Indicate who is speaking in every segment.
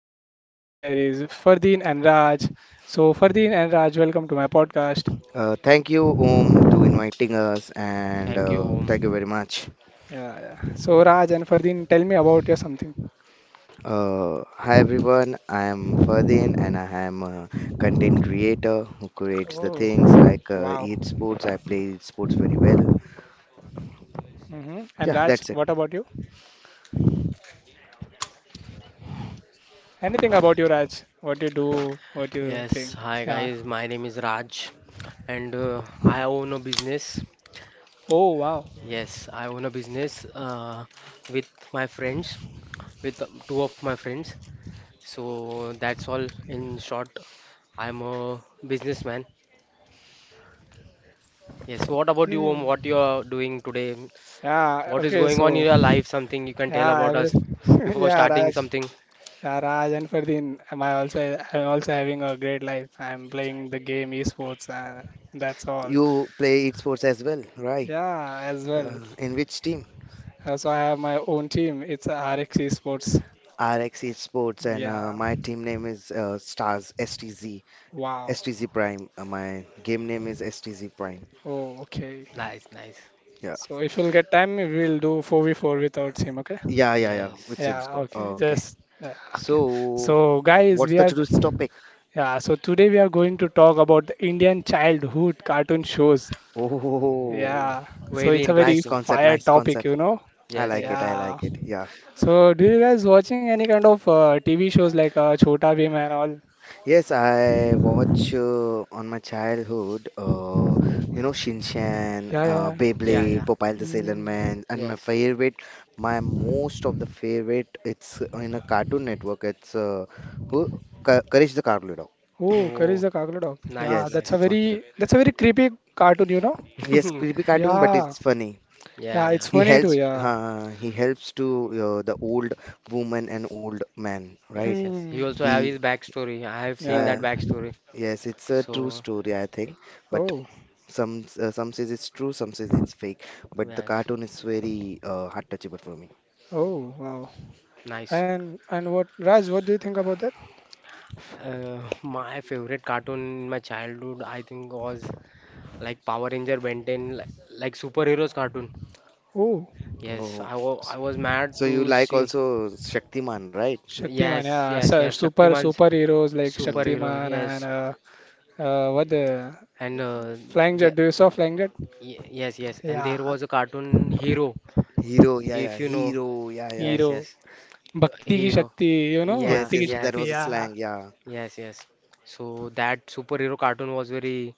Speaker 1: podcast. Is there is Fardeen and Raj. So, Fardeen and Raj, welcome to my podcast.
Speaker 2: Thank you, Om, to inviting us, and
Speaker 3: Thank you, Om.
Speaker 2: thank you very much.
Speaker 1: Yeah, yeah. So, Raj and Fardeen, tell me about your something.
Speaker 2: Hi everyone, I am Ferdin, and I am a content creator who creates the
Speaker 1: Oh,
Speaker 2: things like
Speaker 1: wow.
Speaker 2: eat sports. I play sports very well.
Speaker 1: Hmm. And
Speaker 2: Yeah,
Speaker 1: Raj,
Speaker 2: that's it.
Speaker 1: what about you? Anything about you, Raj? What you do? What you
Speaker 3: Yes,
Speaker 1: think?
Speaker 3: hi
Speaker 1: Yeah.
Speaker 3: guys. My name is Raj, and I own a business.
Speaker 1: Oh, wow.
Speaker 3: Yes, I own a business with my friends, with two of my friends. So that's all in short. I'm a businessman. Yes. What about you, Om?
Speaker 1: Hmm.
Speaker 3: What you are doing today?
Speaker 1: Yeah.
Speaker 3: What is
Speaker 1: Okay.
Speaker 3: going on
Speaker 1: So,
Speaker 3: in your life? Something you can tell
Speaker 1: yeah,
Speaker 3: about us
Speaker 1: everything.
Speaker 3: before
Speaker 1: Yeah,
Speaker 3: starting
Speaker 1: Raj.
Speaker 3: something.
Speaker 1: Yeah, Raj and Ferdin, am I also I'm also having a great life. I'm playing the game esports and that's all.
Speaker 2: You play eat sports as well, right?
Speaker 1: Yeah, as well.
Speaker 2: In which team?
Speaker 1: Also, I have my own team. It's a RX Esports.
Speaker 2: RX eat sports, and
Speaker 1: Yeah.
Speaker 2: my team name is Stars STZ
Speaker 1: Wow.
Speaker 2: STZ Prime. My game name is STZ Prime.
Speaker 1: Oh, okay.
Speaker 3: Nice, nice.
Speaker 2: Yeah,
Speaker 1: So if you'll get time, we'll do 4v4 with our team, okay?
Speaker 2: yeah, yeah, yeah. With
Speaker 3: Yes.
Speaker 2: Sim
Speaker 1: Yeah,
Speaker 2: Squad.
Speaker 1: okay. Just yeah, okay.
Speaker 2: So,
Speaker 1: So guys,
Speaker 2: what's
Speaker 1: we
Speaker 2: the
Speaker 1: are
Speaker 2: today's topic?
Speaker 1: yeah, so today we are going to talk about the Indian childhood cartoon shows.
Speaker 2: Oh,
Speaker 3: Oh,
Speaker 1: Yeah, so
Speaker 3: very
Speaker 1: it's a very
Speaker 2: nice
Speaker 3: interesting.
Speaker 2: concept,
Speaker 1: fire
Speaker 2: nice
Speaker 1: topic,
Speaker 2: concept.
Speaker 1: you know.
Speaker 2: I
Speaker 3: Yes,
Speaker 2: like it,
Speaker 3: yes.
Speaker 2: I
Speaker 1: Yeah.
Speaker 2: like it. Yeah.
Speaker 1: So do you guys watching any kind of TV shows like Chhota Bheem and all?
Speaker 2: Yes, I watch on my childhood, you know, Shinchan,
Speaker 1: Yeah, yeah,
Speaker 3: Yeah,
Speaker 2: Beyblade,
Speaker 3: yeah.
Speaker 2: Popeye the
Speaker 1: yeah.
Speaker 2: Sailor
Speaker 1: Mm.
Speaker 2: Man, and my
Speaker 3: Yes.
Speaker 2: favorite, my most of the favorite, it's in a Cartoon Network. It's who Courage the Cowardly Dog.
Speaker 1: Oh, Courage
Speaker 3: Oh,
Speaker 1: the Cockerel Dog. Yeah,
Speaker 3: nice,
Speaker 2: Yes, it's
Speaker 3: nice.
Speaker 2: my favorite.
Speaker 1: that's a very creepy cartoon, you know.
Speaker 2: Yes, creepy cartoon, but
Speaker 1: Yeah,
Speaker 2: it's funny.
Speaker 3: Yeah,
Speaker 1: yeah,
Speaker 3: yeah.
Speaker 1: it's
Speaker 2: He
Speaker 1: funny too.
Speaker 2: helps
Speaker 1: Yeah.
Speaker 2: uh, he helps to the old woman and old man, right?
Speaker 3: Yes, yes. He
Speaker 1: Hmm.
Speaker 3: also have
Speaker 2: He
Speaker 3: his backstory. I have seen
Speaker 1: Yeah.
Speaker 3: that
Speaker 2: uh,
Speaker 3: backstory.
Speaker 2: yes, it's a true
Speaker 3: So,
Speaker 2: story, I think. But
Speaker 1: Oh.
Speaker 2: some says it's true, some says it's fake. But the
Speaker 3: yes,
Speaker 2: cartoon is very heart touchable for me.
Speaker 1: Oh. Wow.
Speaker 3: nice.
Speaker 1: And what Raj? What do you think about that?
Speaker 3: My favorite cartoon in my childhood, I think, was like Power Ranger, Ben 10, like superheroes cartoon.
Speaker 1: Oh,
Speaker 3: Yes,
Speaker 2: Oh,
Speaker 3: I was mad
Speaker 2: so you
Speaker 3: to
Speaker 2: like
Speaker 3: see.
Speaker 2: also Shaktiman, right?
Speaker 1: Shaktiman.
Speaker 3: Yes,
Speaker 1: Yeah,
Speaker 3: yes, yes.
Speaker 1: super
Speaker 3: Shaktiman's
Speaker 1: superheroes like
Speaker 2: Mm.
Speaker 3: superhero.
Speaker 1: Shaktiman and
Speaker 3: Yes,
Speaker 1: what the
Speaker 3: and
Speaker 1: Flying Jet.
Speaker 3: the
Speaker 1: Do you saw Flying Jet?
Speaker 3: y yes, yes. And
Speaker 1: Yeah,
Speaker 3: there was a cartoon hero,
Speaker 2: Hero, yeah,
Speaker 3: if
Speaker 2: yeah,
Speaker 3: you know.
Speaker 2: hero, yeah, yeah.
Speaker 1: Hero.
Speaker 3: Yes, yes.
Speaker 1: Bhakti ki
Speaker 3: Hero.
Speaker 1: Shakti. You know
Speaker 3: Yeah,
Speaker 2: Yes,
Speaker 1: Bhakti ki
Speaker 2: yes, that
Speaker 1: Shakti.
Speaker 2: was a
Speaker 3: yes,
Speaker 1: Yeah.
Speaker 2: slang, yeah.
Speaker 3: yes, yes. So that superhero cartoon was very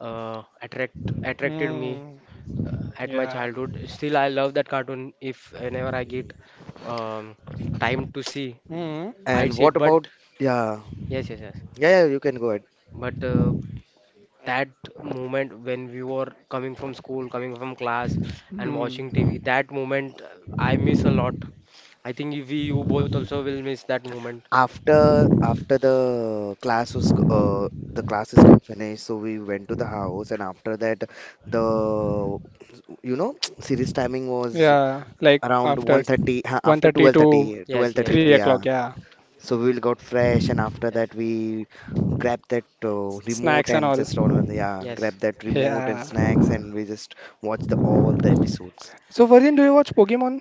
Speaker 3: attracted me
Speaker 1: Hmm.
Speaker 3: at my
Speaker 1: Yeah.
Speaker 3: childhood. Still, I love that cartoon. If whenever I get
Speaker 2: Mm.
Speaker 3: um, time to see,
Speaker 1: Hmm.
Speaker 3: I'd
Speaker 2: And
Speaker 3: see it.
Speaker 2: what about
Speaker 3: But
Speaker 2: yeah,
Speaker 3: yes, yes, yes.
Speaker 2: yeah, yeah, you can go ahead.
Speaker 3: But that moment when we were coming from school, coming from class, and
Speaker 1: Hmm.
Speaker 3: watching TV, that moment I miss a lot. I think you both also will miss that moment.
Speaker 2: After the class was the classes got finished, so we went to the house, and after that, the you know series timing was
Speaker 1: Yeah. Like
Speaker 2: around one
Speaker 1: after
Speaker 2: thirty ha, after
Speaker 1: 1:30
Speaker 2: twelve
Speaker 1: to
Speaker 2: thirty twelve
Speaker 3: Yes, yes,
Speaker 2: thirty
Speaker 1: 3
Speaker 3: yes,
Speaker 1: o'clock.
Speaker 2: yeah.
Speaker 1: Yeah.
Speaker 2: So we will got fresh, and after
Speaker 3: yes,
Speaker 2: that we grabbed that remote
Speaker 1: Snacks and
Speaker 2: and
Speaker 1: all.
Speaker 2: just all yeah grab
Speaker 3: yes.
Speaker 2: that remote and
Speaker 1: Yeah.
Speaker 2: snacks, and we just watched the, all the episodes.
Speaker 1: So Virgin, do you watch Pokemon?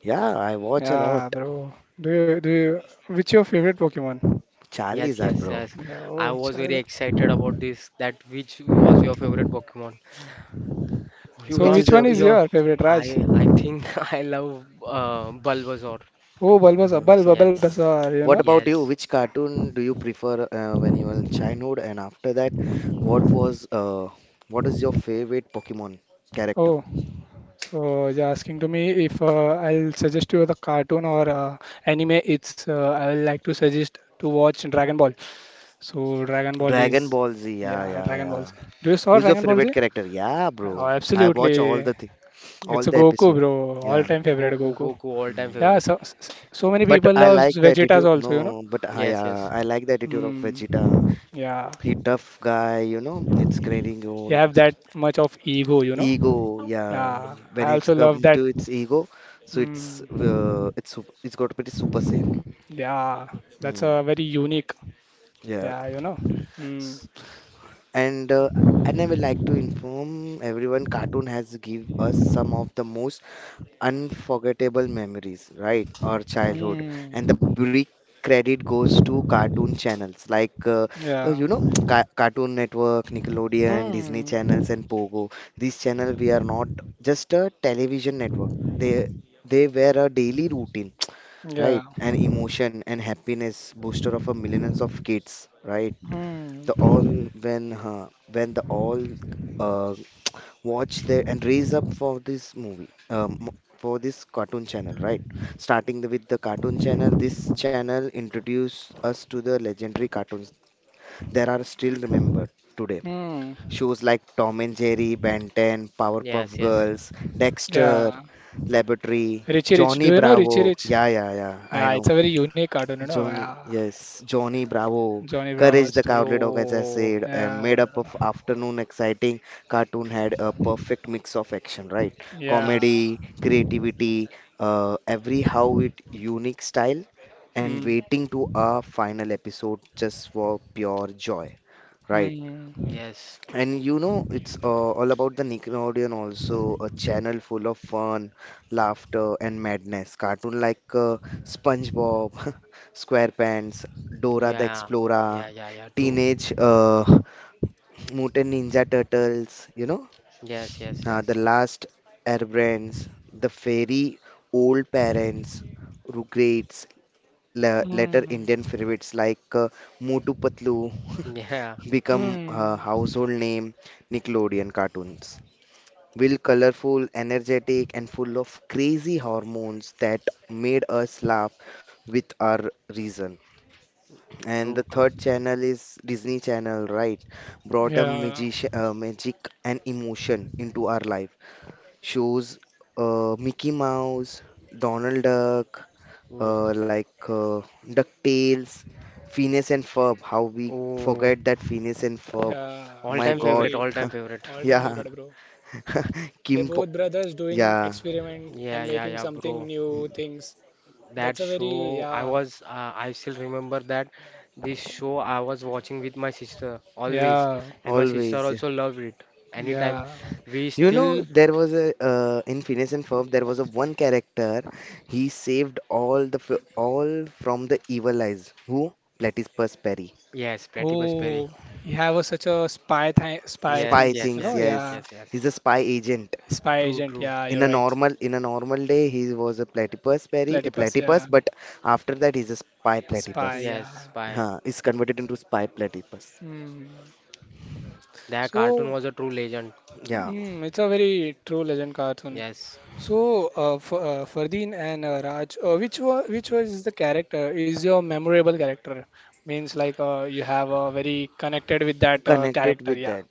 Speaker 2: Yeah, I watch a lot.
Speaker 1: Yeah, bro. Do you? Which your favorite Pokemon?
Speaker 2: Charlie's
Speaker 3: Yes,
Speaker 2: that
Speaker 3: yes,
Speaker 2: bro,
Speaker 3: yes.
Speaker 1: Yeah.
Speaker 3: I
Speaker 1: Oh,
Speaker 3: was very
Speaker 1: Charizard.
Speaker 3: excited about this. That which was your favorite Pokemon? You
Speaker 1: So
Speaker 2: which
Speaker 3: are
Speaker 2: is
Speaker 1: which
Speaker 2: your
Speaker 1: one is
Speaker 2: prefer?
Speaker 3: your.
Speaker 1: your favorite, Raj?
Speaker 3: I think I love Bulbasaur.
Speaker 1: Oh, Bulbasaur. Bulbasaur.
Speaker 3: Yes,
Speaker 1: Bulbasaur, you
Speaker 2: What
Speaker 1: know.
Speaker 2: about you?
Speaker 3: yes.
Speaker 2: Which cartoon do you prefer when you were in childhood? And after that, what was uh, what is your favorite Pokemon character?
Speaker 1: Oh. So you're asking to me if I'll suggest you the cartoon or anime. It's I would like to suggest to watch Dragon Ball. So Dragon Ball is
Speaker 2: Dragon Ball Z. Yeah,
Speaker 1: yeah
Speaker 2: yeah,
Speaker 1: Dragon Ball
Speaker 2: yeah.
Speaker 1: Z. Do you saw
Speaker 2: Who's your
Speaker 1: Dragon Ball
Speaker 2: favorite
Speaker 1: Z?
Speaker 2: character? Yeah,
Speaker 1: Yeah, Oh,
Speaker 2: bro. I
Speaker 1: absolutely.
Speaker 2: watch all the thing, all
Speaker 1: It's a
Speaker 2: the
Speaker 1: Goku,
Speaker 2: episode.
Speaker 1: bro.
Speaker 2: Yeah.
Speaker 1: All-time favorite
Speaker 3: Goku,
Speaker 1: Goku.
Speaker 3: Goku, all-time
Speaker 1: Yeah,
Speaker 2: Hmm.
Speaker 3: favorite.
Speaker 1: so so many
Speaker 2: But
Speaker 1: people
Speaker 2: I
Speaker 1: loves
Speaker 2: like the
Speaker 1: Vegeta's
Speaker 2: attitude.
Speaker 1: also, you know.
Speaker 2: No, but I
Speaker 3: Yes,
Speaker 2: yeah,
Speaker 3: yes.
Speaker 2: I like the attitude of
Speaker 1: Hmm.
Speaker 2: Vegeta.
Speaker 1: Yeah,
Speaker 2: He tough guy, you know. It's creating
Speaker 1: you
Speaker 2: all.
Speaker 1: have that much of ego, you know.
Speaker 2: Ego, yeah.
Speaker 1: Yeah,
Speaker 2: When
Speaker 1: I
Speaker 2: it's
Speaker 1: also love
Speaker 2: come
Speaker 1: that.
Speaker 2: to its ego, so it's
Speaker 1: Hmm.
Speaker 2: uh, it's sup- it's got to pretty super safe.
Speaker 1: Yeah, that's
Speaker 2: Hmm.
Speaker 1: a very unique.
Speaker 2: Yeah.
Speaker 1: Yeah, you know. Hmm.
Speaker 2: S- And uh, and I would like to inform everyone, Cartoon has give us some of the most unforgettable memories, right? Our childhood. And the
Speaker 1: Hmm.
Speaker 2: big credit goes to cartoon channels like,
Speaker 1: Yeah.
Speaker 2: you know, Cartoon Network, Nickelodeon, Disney
Speaker 1: Hmm.
Speaker 2: channels, and Pogo. These channels, we are not just a television network. They were a daily routine,
Speaker 1: Yeah.
Speaker 2: right? An emotion and happiness booster of a millions of kids, right?
Speaker 1: Hmm.
Speaker 2: The
Speaker 3: True.
Speaker 2: all when the all uh, watch there and raise up for this movie for this cartoon channel, right? Starting the, with the cartoon channel, this channel introduced us to the legendary cartoons that are still remembered today.
Speaker 1: Hmm.
Speaker 2: Shows like Tom and Jerry, Ben 10, Powerpuff
Speaker 3: Yes, yes.
Speaker 2: Girls, Dexter
Speaker 1: Yeah.
Speaker 2: Laboratory,
Speaker 1: Richie Rich. Do
Speaker 2: Johnny
Speaker 1: you know Richie
Speaker 2: Bravo,
Speaker 1: Rich?
Speaker 2: yeah, yeah, yeah, I
Speaker 1: Yeah,
Speaker 2: know.
Speaker 1: it's a very unique cartoon, you know.
Speaker 2: Johnny,
Speaker 1: Yeah.
Speaker 2: yes, Johnny Bravo,
Speaker 1: Johnny
Speaker 2: Courage
Speaker 1: Bravo's
Speaker 2: the
Speaker 1: too.
Speaker 2: Cowardly Dog, as I
Speaker 3: Yo.
Speaker 2: said, made
Speaker 1: Yeah.
Speaker 2: up of afternoon exciting cartoon, had a perfect mix of action, right?
Speaker 1: Yeah.
Speaker 3: Yes,
Speaker 2: Comedy, creativity, every how with unique style, and
Speaker 1: Hmm.
Speaker 2: waiting to a final episode just for pure joy, right?
Speaker 1: Hmm.
Speaker 3: yes.
Speaker 2: And you know, it's all about the Nickelodeon also, a channel full of fun, laughter, and madness. Cartoon like SpongeBob, SquarePants, Dora the
Speaker 3: Yeah,
Speaker 2: Explorer,
Speaker 3: yeah, yeah, yeah. True.
Speaker 2: Teenage Mutant Ninja Turtles, you know,
Speaker 3: Yes, yes,
Speaker 2: The
Speaker 3: yes.
Speaker 2: Last Airbrands, The Fairy Old Parents, Rugrats, later
Speaker 1: Hmm.
Speaker 2: Indian favorites like Motu Patlu
Speaker 3: Yeah.
Speaker 2: become
Speaker 1: Hmm.
Speaker 2: a household name, Nickelodeon cartoons. Will colorful, energetic, and full of crazy hormones that made us laugh with our reason. And the
Speaker 3: True, true.
Speaker 2: third channel is Disney Channel, right? Brought a
Speaker 1: Yeah.
Speaker 2: magic, magic and emotion into our life. Shows Mickey Mouse, Donald Duck,
Speaker 3: Mm.
Speaker 2: like DuckTales, Phineas and Ferb. How we
Speaker 3: Oh,
Speaker 2: forget that Phineas and Ferb.
Speaker 1: Yeah.
Speaker 2: My
Speaker 3: all-time
Speaker 2: God.
Speaker 3: favorite,
Speaker 1: Absolutely.
Speaker 3: all-time favorite.
Speaker 1: All time
Speaker 2: Yeah.
Speaker 1: favorite, bro. They're
Speaker 2: Kim Po-
Speaker 1: both brothers doing
Speaker 2: yeah,
Speaker 1: experiment
Speaker 3: Yeah,
Speaker 1: and
Speaker 3: yeah,
Speaker 1: making
Speaker 3: yeah,
Speaker 1: something
Speaker 3: bro.
Speaker 1: new things. That's
Speaker 3: That
Speaker 1: a very
Speaker 3: show,
Speaker 1: yeah
Speaker 3: I still remember that this show I was watching with my sister always,
Speaker 1: yeah
Speaker 3: and my sister
Speaker 2: always. Yeah.
Speaker 3: also loved it anytime.
Speaker 1: yeah.
Speaker 3: We
Speaker 2: You know,
Speaker 3: still.
Speaker 2: there was a in Phineas and Ferb, there was a one character. He saved all the all from the evil eyes. Who? Platypus Perry.
Speaker 3: Yes, Platypus Perry.
Speaker 1: Oh, you have a, such a spy
Speaker 3: Yes,
Speaker 2: Spy
Speaker 1: things,
Speaker 3: yes,
Speaker 1: you
Speaker 2: things,
Speaker 1: know?
Speaker 3: yes, yes,
Speaker 2: yes.
Speaker 3: yes,
Speaker 1: Yeah,
Speaker 2: He's a
Speaker 3: yes.
Speaker 2: spy agent.
Speaker 1: spy
Speaker 3: True,
Speaker 1: agent.
Speaker 3: true.
Speaker 1: Yeah,
Speaker 2: in
Speaker 1: you're
Speaker 2: a
Speaker 1: right.
Speaker 2: normal in a normal day he was a platypus berry, a
Speaker 1: Platypus.
Speaker 2: platypus,
Speaker 1: Yeah,
Speaker 2: but after that he's a spy
Speaker 1: spy.
Speaker 2: platypus.
Speaker 1: Yeah.
Speaker 3: Yes, bye.
Speaker 2: Huh, is converted into spy platypus.
Speaker 1: Hmm.
Speaker 3: That cartoon
Speaker 1: So,
Speaker 3: was a true legend.
Speaker 2: Yeah,
Speaker 1: hmm, it's a very true legend cartoon.
Speaker 3: Yes.
Speaker 1: So, F Fardeen and Raj, which was the character is your memorable character? Means like you have very connected with that
Speaker 2: connected
Speaker 1: character.
Speaker 2: with
Speaker 1: Yeah.
Speaker 2: that.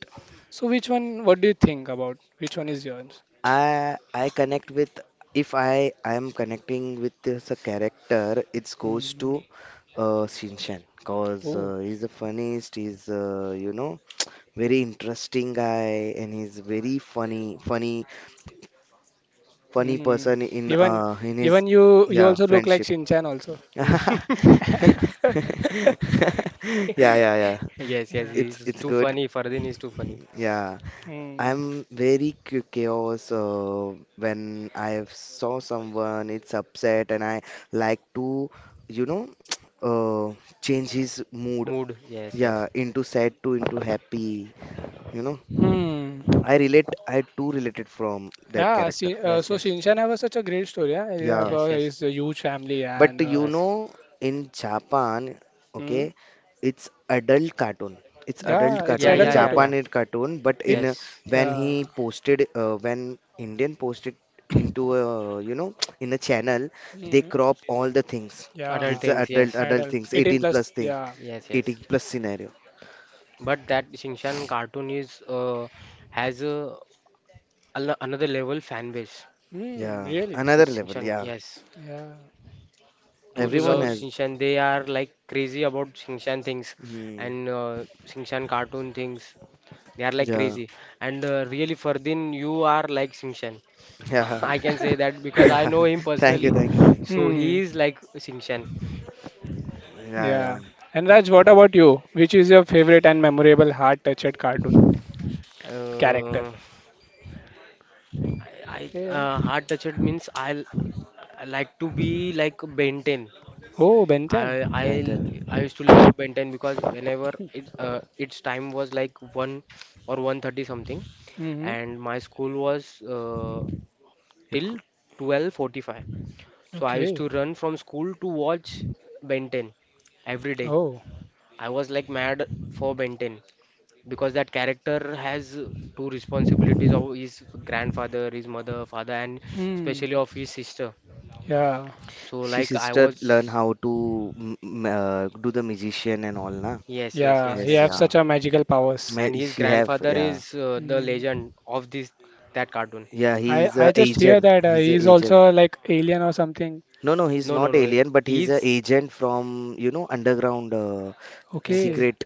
Speaker 1: So which one? What do you think about? Which one is yours?
Speaker 2: I connect with, if I am connecting with this a character, it goes
Speaker 1: Mm.
Speaker 2: to Shinshan, because
Speaker 1: Oh.
Speaker 2: he's the funniest. He's you know, very interesting guy, and he's very funny, funny, funny
Speaker 1: Mm.
Speaker 2: person in
Speaker 1: Even
Speaker 2: his
Speaker 1: even you
Speaker 2: yeah
Speaker 1: also look like
Speaker 2: friendship.
Speaker 1: Shinchan also.
Speaker 2: Yeah, yeah, yeah.
Speaker 3: Yes, yes,
Speaker 1: Yeah.
Speaker 2: It's
Speaker 3: he's
Speaker 2: it's
Speaker 3: too
Speaker 2: good.
Speaker 3: funny. Fardin is too funny.
Speaker 2: Yeah,
Speaker 1: Mm.
Speaker 2: I'm very curious when I saw someone it's upset, and I like to, you know, uh, change his mood.
Speaker 3: Mood, yes, yes.
Speaker 2: Yeah, into sad to into happy. You know,
Speaker 1: Hmm.
Speaker 2: I relate. I too related from that
Speaker 1: Yeah.
Speaker 2: character.
Speaker 1: See,
Speaker 3: Yes,
Speaker 1: so
Speaker 3: yes,
Speaker 1: Shinchan have a, such a great story. Yeah, he have
Speaker 2: Yeah.
Speaker 1: a,
Speaker 3: yes, yes,
Speaker 1: his a huge family
Speaker 2: But
Speaker 1: and
Speaker 2: you
Speaker 3: yes.
Speaker 2: know, in Japan,
Speaker 1: hmm.
Speaker 2: okay, it's adult cartoon. It's adult
Speaker 1: Yeah, it's
Speaker 2: cartoon
Speaker 3: Yeah,
Speaker 2: in
Speaker 1: adult
Speaker 3: yeah, yeah, yeah.
Speaker 2: Japan.
Speaker 1: cartoon.
Speaker 2: It's cartoon, but in
Speaker 1: In
Speaker 3: Yes,
Speaker 2: when he
Speaker 1: yeah.
Speaker 2: posted, when Indian posted into a, you know, in a channel, they
Speaker 1: Hmm.
Speaker 2: crop all the things.
Speaker 1: Yeah.
Speaker 3: adult
Speaker 2: It's a
Speaker 3: things.
Speaker 2: adult,
Speaker 3: Yes,
Speaker 2: adult
Speaker 1: Adult.
Speaker 2: things,
Speaker 1: 18
Speaker 2: 18 plus
Speaker 1: plus.
Speaker 2: thing,
Speaker 1: Yeah.
Speaker 3: yes, yes.
Speaker 2: 18 plus scenario.
Speaker 3: But that Shinchan cartoon is has a another level fan base.
Speaker 1: Hmm.
Speaker 2: Yeah,
Speaker 1: Really.
Speaker 3: The
Speaker 2: another level.
Speaker 3: Shinchan,
Speaker 2: Yeah,
Speaker 3: yes.
Speaker 1: Yeah.
Speaker 3: Those
Speaker 1: Hmm.
Speaker 3: who
Speaker 2: everyone
Speaker 3: love
Speaker 1: So.
Speaker 2: has.
Speaker 3: Shinchan, they are like crazy about Shinchan things
Speaker 2: Hmm.
Speaker 3: and Shinchan cartoon things. They are like
Speaker 2: Yeah,
Speaker 3: crazy. And really, Fardin, you are like Shinchan.
Speaker 2: yeah,
Speaker 3: I can say that because
Speaker 2: yeah.
Speaker 3: I know him
Speaker 2: Thank you,
Speaker 3: personally.
Speaker 2: thank you, thank
Speaker 3: So
Speaker 2: you.
Speaker 1: Hmm.
Speaker 3: he is like Shinchan.
Speaker 2: Yeah, yeah.
Speaker 1: Yeah. And Raj, what about you? Which is your favorite and memorable heart-touched cartoon character?
Speaker 3: Uh, I, I
Speaker 1: Eh,
Speaker 3: uh, heart touched means I like to be like Ben 10.
Speaker 1: Oh, Ben
Speaker 3: I
Speaker 1: 10.
Speaker 3: I
Speaker 2: Brandon,
Speaker 3: I used to love Ben 10 because whenever it its time was like 1 or 1:30 something,
Speaker 1: Mm-hmm.
Speaker 3: and my school was uh,
Speaker 2: you
Speaker 3: till 12:45. So I used
Speaker 1: Okay.
Speaker 3: to run from school to watch Ben 10 every day.
Speaker 1: Oh.
Speaker 3: I was like mad for Ben 10 because that character has two responsibilities of his grandfather, his mother, father, and especially
Speaker 1: Hmm.
Speaker 3: of his sister.
Speaker 1: Yeah.
Speaker 3: So,
Speaker 2: she
Speaker 3: like, I
Speaker 2: sister learn
Speaker 3: was,
Speaker 2: how to do the magician and all, na?
Speaker 3: yes, yes,
Speaker 1: Yeah.
Speaker 3: yes,
Speaker 1: He
Speaker 2: Yes,
Speaker 1: have
Speaker 3: yes.
Speaker 2: yeah.
Speaker 1: such a magical powers.
Speaker 3: And his
Speaker 2: She have,
Speaker 3: grandfather
Speaker 2: yeah.
Speaker 3: is the
Speaker 1: Mm.
Speaker 3: legend of this that cartoon.
Speaker 2: Yeah, he's
Speaker 1: I
Speaker 2: a
Speaker 1: just hear
Speaker 2: agent.
Speaker 1: that
Speaker 2: He's a
Speaker 1: he's also
Speaker 2: agent.
Speaker 1: like alien or something.
Speaker 2: No, no, he's
Speaker 3: No, no,
Speaker 2: not
Speaker 3: no.
Speaker 2: alien, but he's a
Speaker 3: He's
Speaker 2: agent from, you know, underground
Speaker 3: yes, yes.
Speaker 1: Okay.
Speaker 2: secret,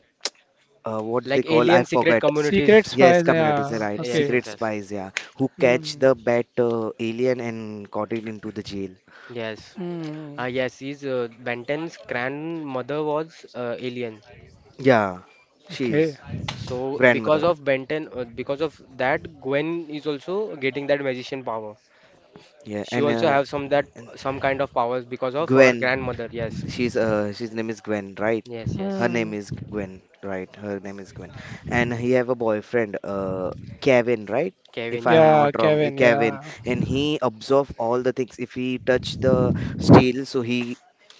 Speaker 2: what they
Speaker 3: Like
Speaker 2: call, I
Speaker 3: alien secret
Speaker 2: forget.
Speaker 1: Secret
Speaker 3: communities.
Speaker 2: Yes,
Speaker 1: spies.
Speaker 2: communities,
Speaker 1: Yeah.
Speaker 2: right.
Speaker 3: Yes,
Speaker 1: Okay.
Speaker 2: Secret
Speaker 3: yes, yes,
Speaker 2: spies, yeah. Who catch
Speaker 1: Hmm.
Speaker 2: the bad alien and caught it into the jail.
Speaker 3: yes.
Speaker 1: Hmm.
Speaker 3: Ah, yes. His Benton's grandmother was alien.
Speaker 2: Yeah, she
Speaker 1: Okay.
Speaker 2: is
Speaker 3: So
Speaker 2: grandmother.
Speaker 3: because of that, Gwen is also getting that magician power.
Speaker 2: Yeah,
Speaker 3: She also have
Speaker 2: and
Speaker 3: some kind of powers because of her
Speaker 2: Gwen.
Speaker 3: grandmother. Yes,
Speaker 2: She's name is Gwen, right?
Speaker 3: yes,
Speaker 2: Her
Speaker 3: yes.
Speaker 1: Hmm.
Speaker 2: name is Gwen, right? Her name is Gwen. And he have a boyfriend, Kevin, right? If
Speaker 3: Kevin,
Speaker 2: I am
Speaker 3: ha.
Speaker 1: Yeah,
Speaker 2: not wrong, eh,
Speaker 1: Kevin.
Speaker 2: Kevin.
Speaker 1: Yeah.
Speaker 2: And he absorb all the things. If he touch the steel, so he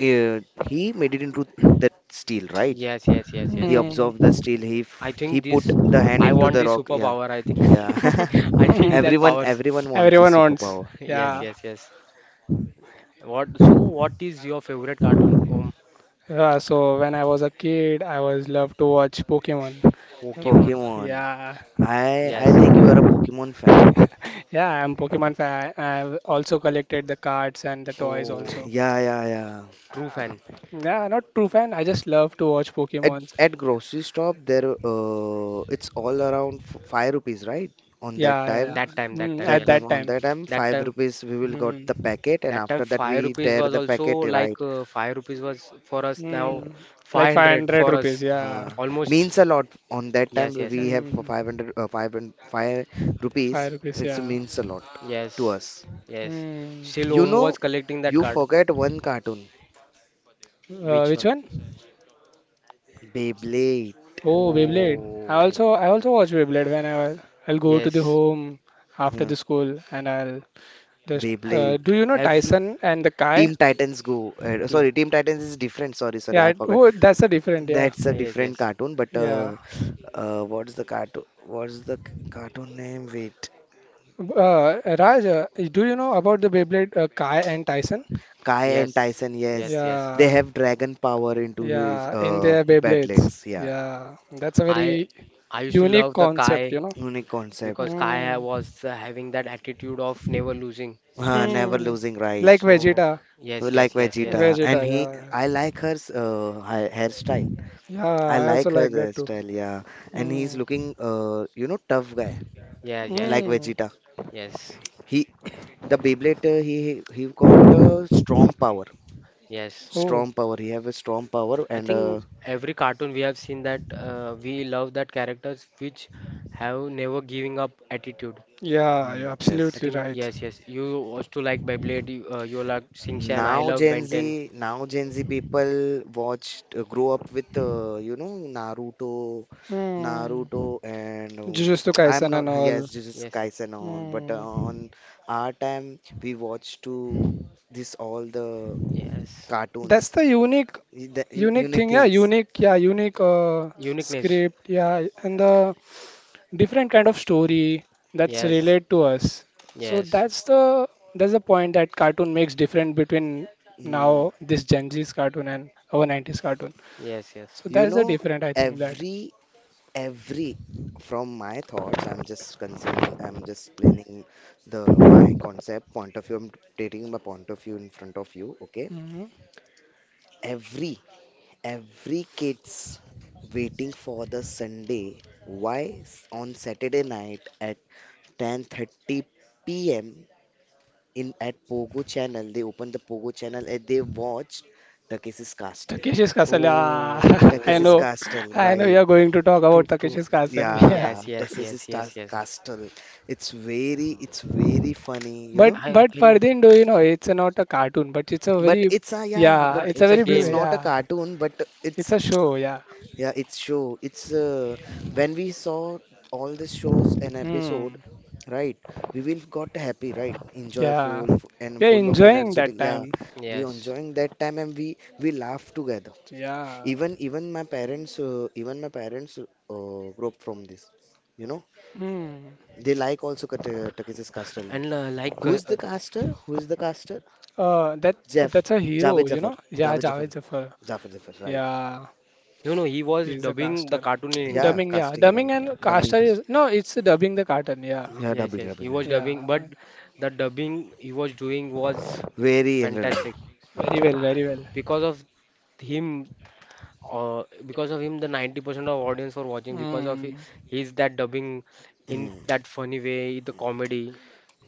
Speaker 2: uh, he made it into that steel, right?
Speaker 3: Yes, yes, yes,
Speaker 2: He
Speaker 3: yes.
Speaker 1: Hmm.
Speaker 2: absorbed the steel.
Speaker 3: I
Speaker 2: He
Speaker 3: think
Speaker 2: put
Speaker 3: this.
Speaker 2: the hand
Speaker 3: I
Speaker 2: into
Speaker 3: want
Speaker 2: the
Speaker 3: this
Speaker 2: rock. Yeah,
Speaker 3: superpower. I think
Speaker 2: yeah.
Speaker 3: I need that
Speaker 2: Everyone
Speaker 3: powers.
Speaker 2: everyone wants
Speaker 1: Everyone
Speaker 2: this
Speaker 1: wants.
Speaker 2: superpower.
Speaker 3: Yes,
Speaker 1: Yeah.
Speaker 2: Yeah.
Speaker 3: yes, yes. What? So what is your favorite cartoon?
Speaker 1: So when I was a kid, I was loved to watch Pokemon.
Speaker 3: Pokemon.
Speaker 2: Pokemon.
Speaker 1: Yeah.
Speaker 2: I
Speaker 3: Yes.
Speaker 2: think you are a Pokemon.
Speaker 1: Yeah, I'm Pokemon fan. I've also collected the cards and the toys
Speaker 3: Oh,
Speaker 1: also.
Speaker 2: Yeah, yeah, yeah.
Speaker 3: true
Speaker 1: Uh,
Speaker 3: fan.
Speaker 1: yeah, not true fan. I just love to watch
Speaker 2: At
Speaker 1: Pokemons.
Speaker 2: at grocery shop there it's all around five rupees, right? On that
Speaker 1: Yeah, yeah,
Speaker 2: time,
Speaker 1: yeah.
Speaker 3: That time, that
Speaker 1: Mm,
Speaker 3: time.
Speaker 1: at
Speaker 2: that time
Speaker 3: Yes.
Speaker 1: that
Speaker 2: on
Speaker 1: time.
Speaker 2: that time
Speaker 3: That
Speaker 2: five
Speaker 3: time.
Speaker 2: rupees we will got
Speaker 1: Mm,
Speaker 2: the packet, and
Speaker 3: That time,
Speaker 2: after that
Speaker 3: five
Speaker 2: we
Speaker 3: rupees
Speaker 2: tear
Speaker 3: was
Speaker 2: the
Speaker 3: also
Speaker 2: packet,
Speaker 3: like
Speaker 2: right?
Speaker 3: five rupees was for us now
Speaker 1: mm, like
Speaker 3: 500
Speaker 1: 500
Speaker 3: for us,
Speaker 1: rupees.
Speaker 2: Uh,
Speaker 1: Yeah.
Speaker 3: almost.
Speaker 2: Means a lot. On that time
Speaker 3: Yes, yes,
Speaker 2: we
Speaker 3: yes,
Speaker 2: have for
Speaker 1: Mm,
Speaker 2: 500 five
Speaker 1: 5
Speaker 2: rupees.
Speaker 1: rupees.
Speaker 2: It's
Speaker 1: Yeah.
Speaker 2: means a lot
Speaker 3: yes,
Speaker 2: to us.
Speaker 3: yes.
Speaker 1: Mm,
Speaker 3: Still,
Speaker 2: You
Speaker 3: Om was
Speaker 2: know,
Speaker 3: collecting that
Speaker 2: you
Speaker 3: card.
Speaker 2: forget one cartoon,
Speaker 3: Which
Speaker 1: which
Speaker 3: one?
Speaker 1: one?
Speaker 2: Beyblade.
Speaker 1: Oh, Beyblade.
Speaker 3: Oh,
Speaker 1: I also watch Beyblade when I was- I'll go to the
Speaker 3: yes.
Speaker 1: home after
Speaker 2: Uh,
Speaker 1: the school and I'll just
Speaker 3: I think
Speaker 1: do
Speaker 2: Beyblade.
Speaker 1: you know
Speaker 3: every
Speaker 1: Tyson and the Kai?
Speaker 2: Team Titans Go.
Speaker 3: team.
Speaker 2: Sorry, Team Titans is different. Sorry, sorry,
Speaker 1: Yeah,
Speaker 2: I
Speaker 1: it-
Speaker 2: forgot.
Speaker 1: oh, that's a different. Yeah,
Speaker 2: That's
Speaker 3: Ah,
Speaker 2: a
Speaker 3: yes,
Speaker 2: different
Speaker 3: yes,
Speaker 2: cartoon, but
Speaker 1: yeah.
Speaker 2: what's the cartoon? What's the cartoon name? Wait,
Speaker 1: Raj, do you know about the Beyblade Kai and Tyson?
Speaker 2: Kai and
Speaker 3: yes,
Speaker 2: Tyson. Yes,
Speaker 3: yes, yes.
Speaker 2: they
Speaker 1: Yeah,
Speaker 2: have dragon power into his
Speaker 1: yeah. In their Beyblades.
Speaker 2: bedlets. Yeah,
Speaker 1: Yeah, that's a
Speaker 3: I
Speaker 1: very
Speaker 3: I used to
Speaker 1: unique
Speaker 3: love the
Speaker 1: concept,
Speaker 3: Kai
Speaker 1: you know.
Speaker 2: unique concept.
Speaker 3: because Kai
Speaker 1: Hmm.
Speaker 3: was having that attitude of never losing.
Speaker 2: Never
Speaker 1: Hmm.
Speaker 2: losing, right?
Speaker 1: Like
Speaker 3: So
Speaker 1: Vegeta.
Speaker 3: yes,
Speaker 2: Like
Speaker 3: yes, yes, yes,
Speaker 2: Vegeta,
Speaker 1: Vegeta.
Speaker 2: and he.
Speaker 1: Yeah,
Speaker 2: I like her hairstyle.
Speaker 1: yeah.
Speaker 2: I
Speaker 1: I also
Speaker 2: like her
Speaker 1: like that too.
Speaker 2: hairstyle. Yeah, and
Speaker 1: Hmm.
Speaker 2: he's looking you know, tough guy
Speaker 3: yes, yes,
Speaker 2: like
Speaker 1: Mm,
Speaker 2: Vegeta.
Speaker 3: yes.
Speaker 2: He the Beyblade he got strong power.
Speaker 3: Yes,
Speaker 1: Oh,
Speaker 2: Strong power. He have a strong power,
Speaker 3: I
Speaker 2: and
Speaker 3: think every cartoon we have seen that we love that characters which have never giving up attitude.
Speaker 1: yeah, you're
Speaker 2: hmm,
Speaker 3: I
Speaker 2: yes.
Speaker 1: absolutely
Speaker 3: think
Speaker 1: right.
Speaker 3: yes, yes. You also like Beyblade. You like Shin. I love Ben 10.
Speaker 2: Now Gen Z people watched, grow up with you know, Naruto,
Speaker 1: Mm,
Speaker 2: Naruto, and
Speaker 1: Jujutsu
Speaker 2: I'm
Speaker 1: Kaisen and
Speaker 2: not,
Speaker 1: all.
Speaker 2: yes, just
Speaker 3: Yes, yes,
Speaker 2: Kaisen and all. But
Speaker 1: Mm.
Speaker 2: on our time, we watched to this all the
Speaker 3: yes.
Speaker 1: That's
Speaker 2: cartoons,
Speaker 1: the unique,
Speaker 2: the
Speaker 1: unique
Speaker 2: unique
Speaker 1: thing. Yeah,
Speaker 2: things.
Speaker 1: unique. Yeah, unique
Speaker 3: Uniqueness.
Speaker 1: script. Yeah, and the different kind of story that's
Speaker 3: Yes,
Speaker 1: related to us. So
Speaker 3: yes,
Speaker 1: that's the point that cartoon makes different between
Speaker 2: Mm.
Speaker 1: now this Gen Z's cartoon and our 90s cartoon.
Speaker 3: yes, yes.
Speaker 1: So
Speaker 2: You
Speaker 1: that's the
Speaker 2: know,
Speaker 1: different I think that.
Speaker 2: every every from my thoughts, I'm just concerning, I'm just explaining the my concept point of view, I'm taking my point of view in front of you, okay.
Speaker 1: Mm-hmm.
Speaker 2: Every every kids waiting for the Sunday. Why on Saturday night at 10:30 p.m. in at Pogo channel they open the Pogo channel and they watch Takeshi's Castle.
Speaker 1: Takeshi's Castle. Yeah, I
Speaker 2: Takeshi's
Speaker 3: Oh,
Speaker 1: know,
Speaker 2: castle,
Speaker 1: I know
Speaker 2: right.
Speaker 1: you're going to talk
Speaker 3: true,
Speaker 1: about
Speaker 3: true.
Speaker 1: Takeshi's Castle. Yeah,
Speaker 2: Yeah,
Speaker 3: Yes, yes,
Speaker 2: Texas
Speaker 3: yes,
Speaker 2: is
Speaker 3: yes, yes.
Speaker 2: Castle. It's very funny, you know.
Speaker 3: I
Speaker 1: but
Speaker 3: in
Speaker 1: Fardin, do you know it's not a cartoon, but it's a
Speaker 2: But
Speaker 1: very
Speaker 2: it's a, yeah,
Speaker 1: yeah,
Speaker 2: but
Speaker 1: it's a
Speaker 3: It's a
Speaker 1: very beau-
Speaker 2: it's
Speaker 3: game.
Speaker 2: not a
Speaker 1: yeah,
Speaker 2: cartoon. But
Speaker 1: it's
Speaker 2: it's,
Speaker 1: a show. Yeah,
Speaker 2: yeah, it's show. It's when we saw all the shows and
Speaker 1: hmm,
Speaker 2: episode, right? We will got happy, right?
Speaker 1: yeah,
Speaker 2: Enjoyful and
Speaker 1: we're
Speaker 2: full of
Speaker 1: enjoying
Speaker 2: energetic.
Speaker 1: that
Speaker 2: Yeah,
Speaker 1: time.
Speaker 2: we
Speaker 3: Yes,
Speaker 2: enjoying that time, and we laugh together.
Speaker 1: Yeah,
Speaker 2: Even my parents, grew up from this, you know.
Speaker 1: hmm,
Speaker 2: They like also Takeshi's Castle.
Speaker 3: and like
Speaker 2: Who is the caster? Who is the caster?
Speaker 1: uh, that
Speaker 2: Jeff.
Speaker 1: that's a
Speaker 2: Javed
Speaker 1: hero, you
Speaker 2: Jafar.
Speaker 1: know. Yeah,
Speaker 2: Javed Jafar.
Speaker 1: Javed Zafar.
Speaker 2: Jafar Jafar, right.
Speaker 1: Yeah,
Speaker 3: no, no. He was
Speaker 1: he's a
Speaker 3: dubbing the
Speaker 1: caster.
Speaker 3: cartoon in
Speaker 2: Yeah,
Speaker 3: India.
Speaker 1: Dubbing, yeah,
Speaker 2: casting, right.
Speaker 1: dubbing
Speaker 3: Yeah.
Speaker 1: and
Speaker 2: Dubbing
Speaker 1: caster
Speaker 2: cast.
Speaker 1: is no, it's dubbing the cartoon. Yeah,
Speaker 2: Yeah,
Speaker 3: Yes,
Speaker 2: dubbing,
Speaker 3: yes. He
Speaker 2: dubbing. Yeah.
Speaker 3: was
Speaker 1: yeah,
Speaker 3: dubbing, but the dubbing he was doing was
Speaker 2: Very random.
Speaker 3: fantastic.
Speaker 1: very well,
Speaker 3: I-
Speaker 1: very well.
Speaker 3: Because of him, the 90% of audience were watching because of
Speaker 1: Mm.
Speaker 3: his that dubbing in
Speaker 2: Mm.
Speaker 3: that funny way, the comedy.